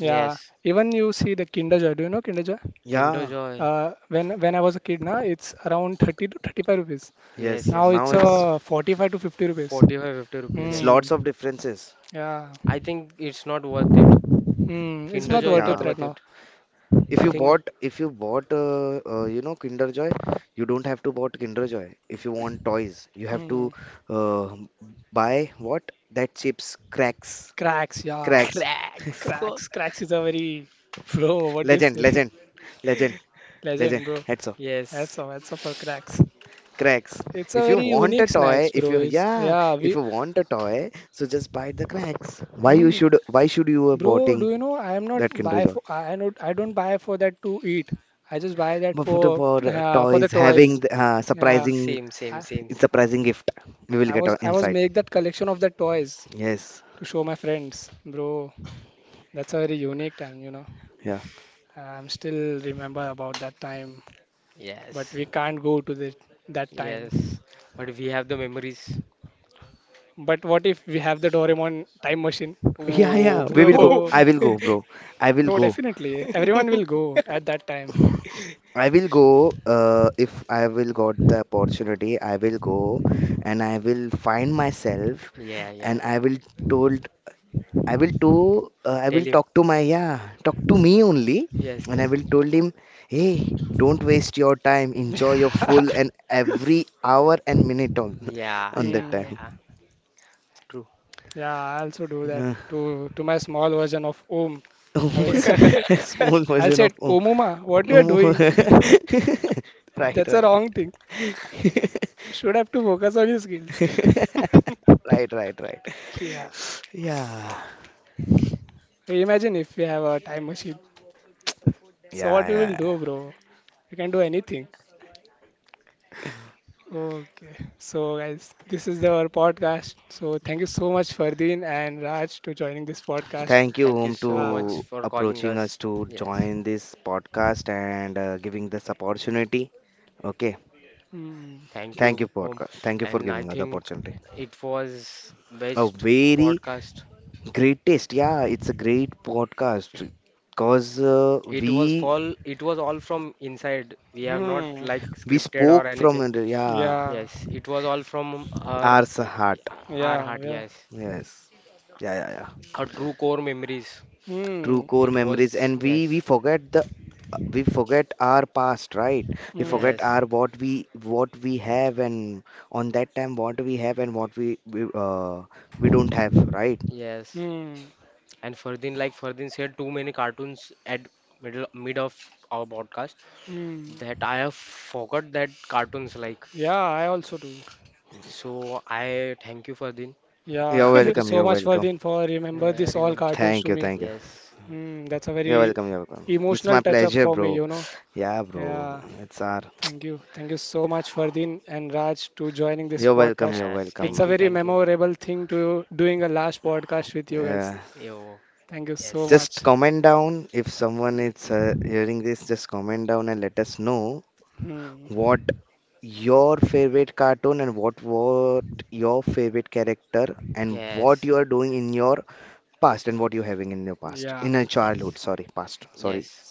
Speaker 1: Yeah.
Speaker 3: Yes.
Speaker 1: Even you see the Kinder Joy. Do you know Kinder Joy?
Speaker 3: Kinder
Speaker 2: yeah,
Speaker 3: Joy.
Speaker 1: When I was a kid, na, it's around 30 to 35 rupees.
Speaker 3: Yes,
Speaker 2: yes,
Speaker 1: Now
Speaker 3: yes.
Speaker 2: now
Speaker 1: it's 45 to 50 rupees.
Speaker 3: 45, 50 rupees.
Speaker 2: it's
Speaker 3: Yes.
Speaker 1: Hmm.
Speaker 2: lots of differences.
Speaker 1: Yeah.
Speaker 3: I think it's not worth it.
Speaker 1: Hmm, it's
Speaker 3: Kinder
Speaker 2: Mm,
Speaker 1: not
Speaker 3: Joy is
Speaker 1: worth
Speaker 3: not
Speaker 1: it
Speaker 2: yeah,
Speaker 1: right
Speaker 3: worth
Speaker 1: now.
Speaker 3: it.
Speaker 2: if
Speaker 3: I
Speaker 2: you
Speaker 3: think
Speaker 2: bought, if you bought you know Kinder Joy, you don't have to bought Kinder Joy. If you want toys, you have
Speaker 1: Mm,
Speaker 2: to uh, buy what that chips cracks,
Speaker 1: cracks, yeah.
Speaker 2: cracks,
Speaker 3: cracks.
Speaker 1: Cracks. Cracks is a very bro, what do you
Speaker 2: legend,
Speaker 1: say?
Speaker 2: legend, legend,
Speaker 1: Legend,
Speaker 2: legend
Speaker 1: bro.
Speaker 2: heads,
Speaker 3: Yes.
Speaker 1: That's all for cracks.
Speaker 2: cracks.
Speaker 1: It's a
Speaker 2: If you
Speaker 1: very
Speaker 2: want a
Speaker 1: unique
Speaker 2: toy,
Speaker 1: snacks,
Speaker 2: if
Speaker 1: bro.
Speaker 2: you,
Speaker 1: It's
Speaker 2: yeah,
Speaker 1: yeah,
Speaker 2: if
Speaker 1: we
Speaker 2: you want a toy, so just buy the cracks. Why you
Speaker 1: hmm,
Speaker 2: should, why should you are
Speaker 1: bro,
Speaker 2: buying
Speaker 1: do you know I am not
Speaker 2: that Kinder
Speaker 1: buy
Speaker 2: Joy,
Speaker 1: for I not I don't buy for that to eat. I just buy that
Speaker 2: but for,
Speaker 1: for the
Speaker 2: toys
Speaker 1: toys.
Speaker 2: having the,
Speaker 1: Yeah.
Speaker 2: surprising,
Speaker 3: Same, same,
Speaker 1: I,
Speaker 3: same, same.
Speaker 2: surprising gift we will
Speaker 1: I
Speaker 2: get
Speaker 1: was I was
Speaker 2: inside.
Speaker 1: make that collection of the toys
Speaker 2: Yes,
Speaker 1: to show my friends, bro. That's a very unique time, you know.
Speaker 2: yeah,
Speaker 1: I'm still remember about that time, but
Speaker 3: Yes.
Speaker 1: we can't go to the, that time.
Speaker 3: Yes. But we have the memories.
Speaker 1: But what if we have the Doraemon time machine?
Speaker 2: yeah,
Speaker 3: Whoa.
Speaker 2: yeah, we will go,
Speaker 1: Bro,
Speaker 2: I will go, bro. I will
Speaker 1: bro,
Speaker 2: go,
Speaker 1: definitely. Everyone will go at that time.
Speaker 2: I will go. If I will got the opportunity, I will go and I will find myself
Speaker 3: Yeah, yeah,
Speaker 2: and I
Speaker 3: yeah.
Speaker 2: will told, I will to I
Speaker 3: Tell
Speaker 2: will
Speaker 3: him.
Speaker 2: talk to my, yeah, talk to me only,
Speaker 3: Yes,
Speaker 2: and I
Speaker 3: yes.
Speaker 2: will told him, hey, don't waste your time, enjoy your full and every hour and minute on
Speaker 3: Yeah,
Speaker 2: on that
Speaker 3: yeah,
Speaker 1: Hmm.
Speaker 2: time.
Speaker 3: yeah. True.
Speaker 1: Yeah, I also do that
Speaker 2: Yeah.
Speaker 1: to my small version of Om. I will say,
Speaker 2: A small
Speaker 1: I'll
Speaker 2: version
Speaker 1: say,
Speaker 2: of
Speaker 1: Omuma, what you are
Speaker 2: um.
Speaker 1: doing?
Speaker 2: right,
Speaker 1: That's a
Speaker 2: right.
Speaker 1: wrong thing. Should have to focus on your skills.
Speaker 2: Right, right, right.
Speaker 1: Yeah.
Speaker 2: Yeah,
Speaker 1: Imagine if we have a time machine. So what
Speaker 2: yeah,
Speaker 1: we will do,
Speaker 2: yeah,
Speaker 1: bro? We can do anything. Okay, so guys, this is the, our podcast. So thank you so much, Fardeen and Raj, to joining this podcast.
Speaker 2: thank you,
Speaker 3: Thank
Speaker 2: Om,
Speaker 3: you
Speaker 2: to
Speaker 3: so
Speaker 1: Ah,
Speaker 3: much for calling
Speaker 2: approaching us
Speaker 3: us.
Speaker 2: to
Speaker 3: Yes.
Speaker 2: join this podcast and giving this opportunity. Okay,
Speaker 1: hmm,
Speaker 3: Thank
Speaker 2: thank
Speaker 3: you,
Speaker 2: you,
Speaker 3: Om.
Speaker 2: podcast. Thank you for
Speaker 3: And I
Speaker 2: giving us the
Speaker 3: think
Speaker 2: opportunity.
Speaker 3: it was
Speaker 2: A
Speaker 3: best
Speaker 2: very
Speaker 3: podcast.
Speaker 2: great taste. Yeah, it's a great podcast because
Speaker 3: It was
Speaker 2: we
Speaker 3: fall it was all from inside. We have not
Speaker 1: hmm,
Speaker 3: like
Speaker 2: we
Speaker 3: scripted or
Speaker 2: spoke from
Speaker 3: anything.
Speaker 2: yeah,
Speaker 1: yeah,
Speaker 3: Yes, it was all from our
Speaker 2: our heart.
Speaker 3: our
Speaker 1: yeah,
Speaker 3: heart,
Speaker 1: yeah,
Speaker 3: yes.
Speaker 2: Yes, yeah, yeah, yeah.
Speaker 3: Our true core memories.
Speaker 2: True
Speaker 1: hmm,
Speaker 2: core
Speaker 3: It
Speaker 2: memories,
Speaker 3: was
Speaker 2: and we
Speaker 3: yes.
Speaker 2: we forget the, we forget our past, right? We
Speaker 1: hmm,
Speaker 2: forget
Speaker 3: Yes.
Speaker 2: our what we, what we have, and on that time what we have and what we we don't have, right?
Speaker 3: Yes.
Speaker 1: hmm,
Speaker 3: And Ferdin, like Ferdin said, too many cartoons at mid of our podcast.
Speaker 1: hmm.
Speaker 3: That I have forgot that cartoons like.
Speaker 1: Yeah, I also do.
Speaker 3: So I thank you for the
Speaker 2: You're
Speaker 1: Yeah,
Speaker 3: uh,
Speaker 1: thank you
Speaker 2: welcome.
Speaker 1: so
Speaker 2: You're
Speaker 1: much,
Speaker 2: welcome.
Speaker 1: Fardeen, for remember this all
Speaker 3: remember.
Speaker 1: cartoons
Speaker 2: Thank
Speaker 1: to
Speaker 2: you.
Speaker 1: me.
Speaker 2: Thank you.
Speaker 3: Yes.
Speaker 1: Hmm, that's a
Speaker 2: You're
Speaker 1: very
Speaker 2: welcome, you're welcome. It's my
Speaker 1: emotional touch up
Speaker 2: pleasure,
Speaker 1: for me,
Speaker 2: bro.
Speaker 1: you know.
Speaker 2: Yeah, bro.
Speaker 1: Yeah.
Speaker 2: It's our.
Speaker 1: Thank you. Thank you so much, Fardeen and Raj, to joining this
Speaker 2: You're welcome,
Speaker 1: podcast.
Speaker 2: you're
Speaker 3: Yes.
Speaker 2: welcome,
Speaker 1: It's
Speaker 3: Thank
Speaker 1: a
Speaker 2: ma.
Speaker 3: you.
Speaker 1: very
Speaker 3: Thank you.
Speaker 1: memorable thing to doing a last podcast with you guys.
Speaker 2: Uh,
Speaker 3: Yo.
Speaker 1: Thank you so
Speaker 3: Yes.
Speaker 2: just
Speaker 1: much.
Speaker 2: comment down if someone is hearing this, just comment down and let us know
Speaker 1: Hmm.
Speaker 2: what your favorite cartoon and what your favorite character, and what
Speaker 3: Yes.
Speaker 2: you are doing in your past and what you're having in your past.
Speaker 1: Yeah.
Speaker 2: In your
Speaker 3: Yes.
Speaker 2: childhood, sorry, past. Sorry.
Speaker 3: Yes.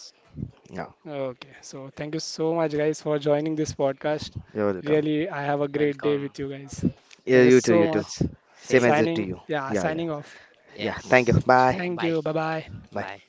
Speaker 2: Yeah,
Speaker 1: Okay. So thank you so much, guys, for joining this podcast.
Speaker 2: you're welcome.
Speaker 1: Really, I have a great day
Speaker 3: Welcome.
Speaker 1: with you guys.
Speaker 2: Yeah,
Speaker 1: Thank you
Speaker 2: you too, you
Speaker 1: so
Speaker 2: too.
Speaker 1: much.
Speaker 3: Yes.
Speaker 2: Same as
Speaker 3: Same.
Speaker 2: it to
Speaker 1: Signing.
Speaker 2: you.
Speaker 1: Yeah,
Speaker 2: Yeah, yeah.
Speaker 1: signing off.
Speaker 2: Yeah, thank you.
Speaker 3: Yes.
Speaker 2: Bye.
Speaker 1: Thank
Speaker 3: Bye.
Speaker 1: you. Bye bye.
Speaker 2: Bye.
Speaker 3: Bye.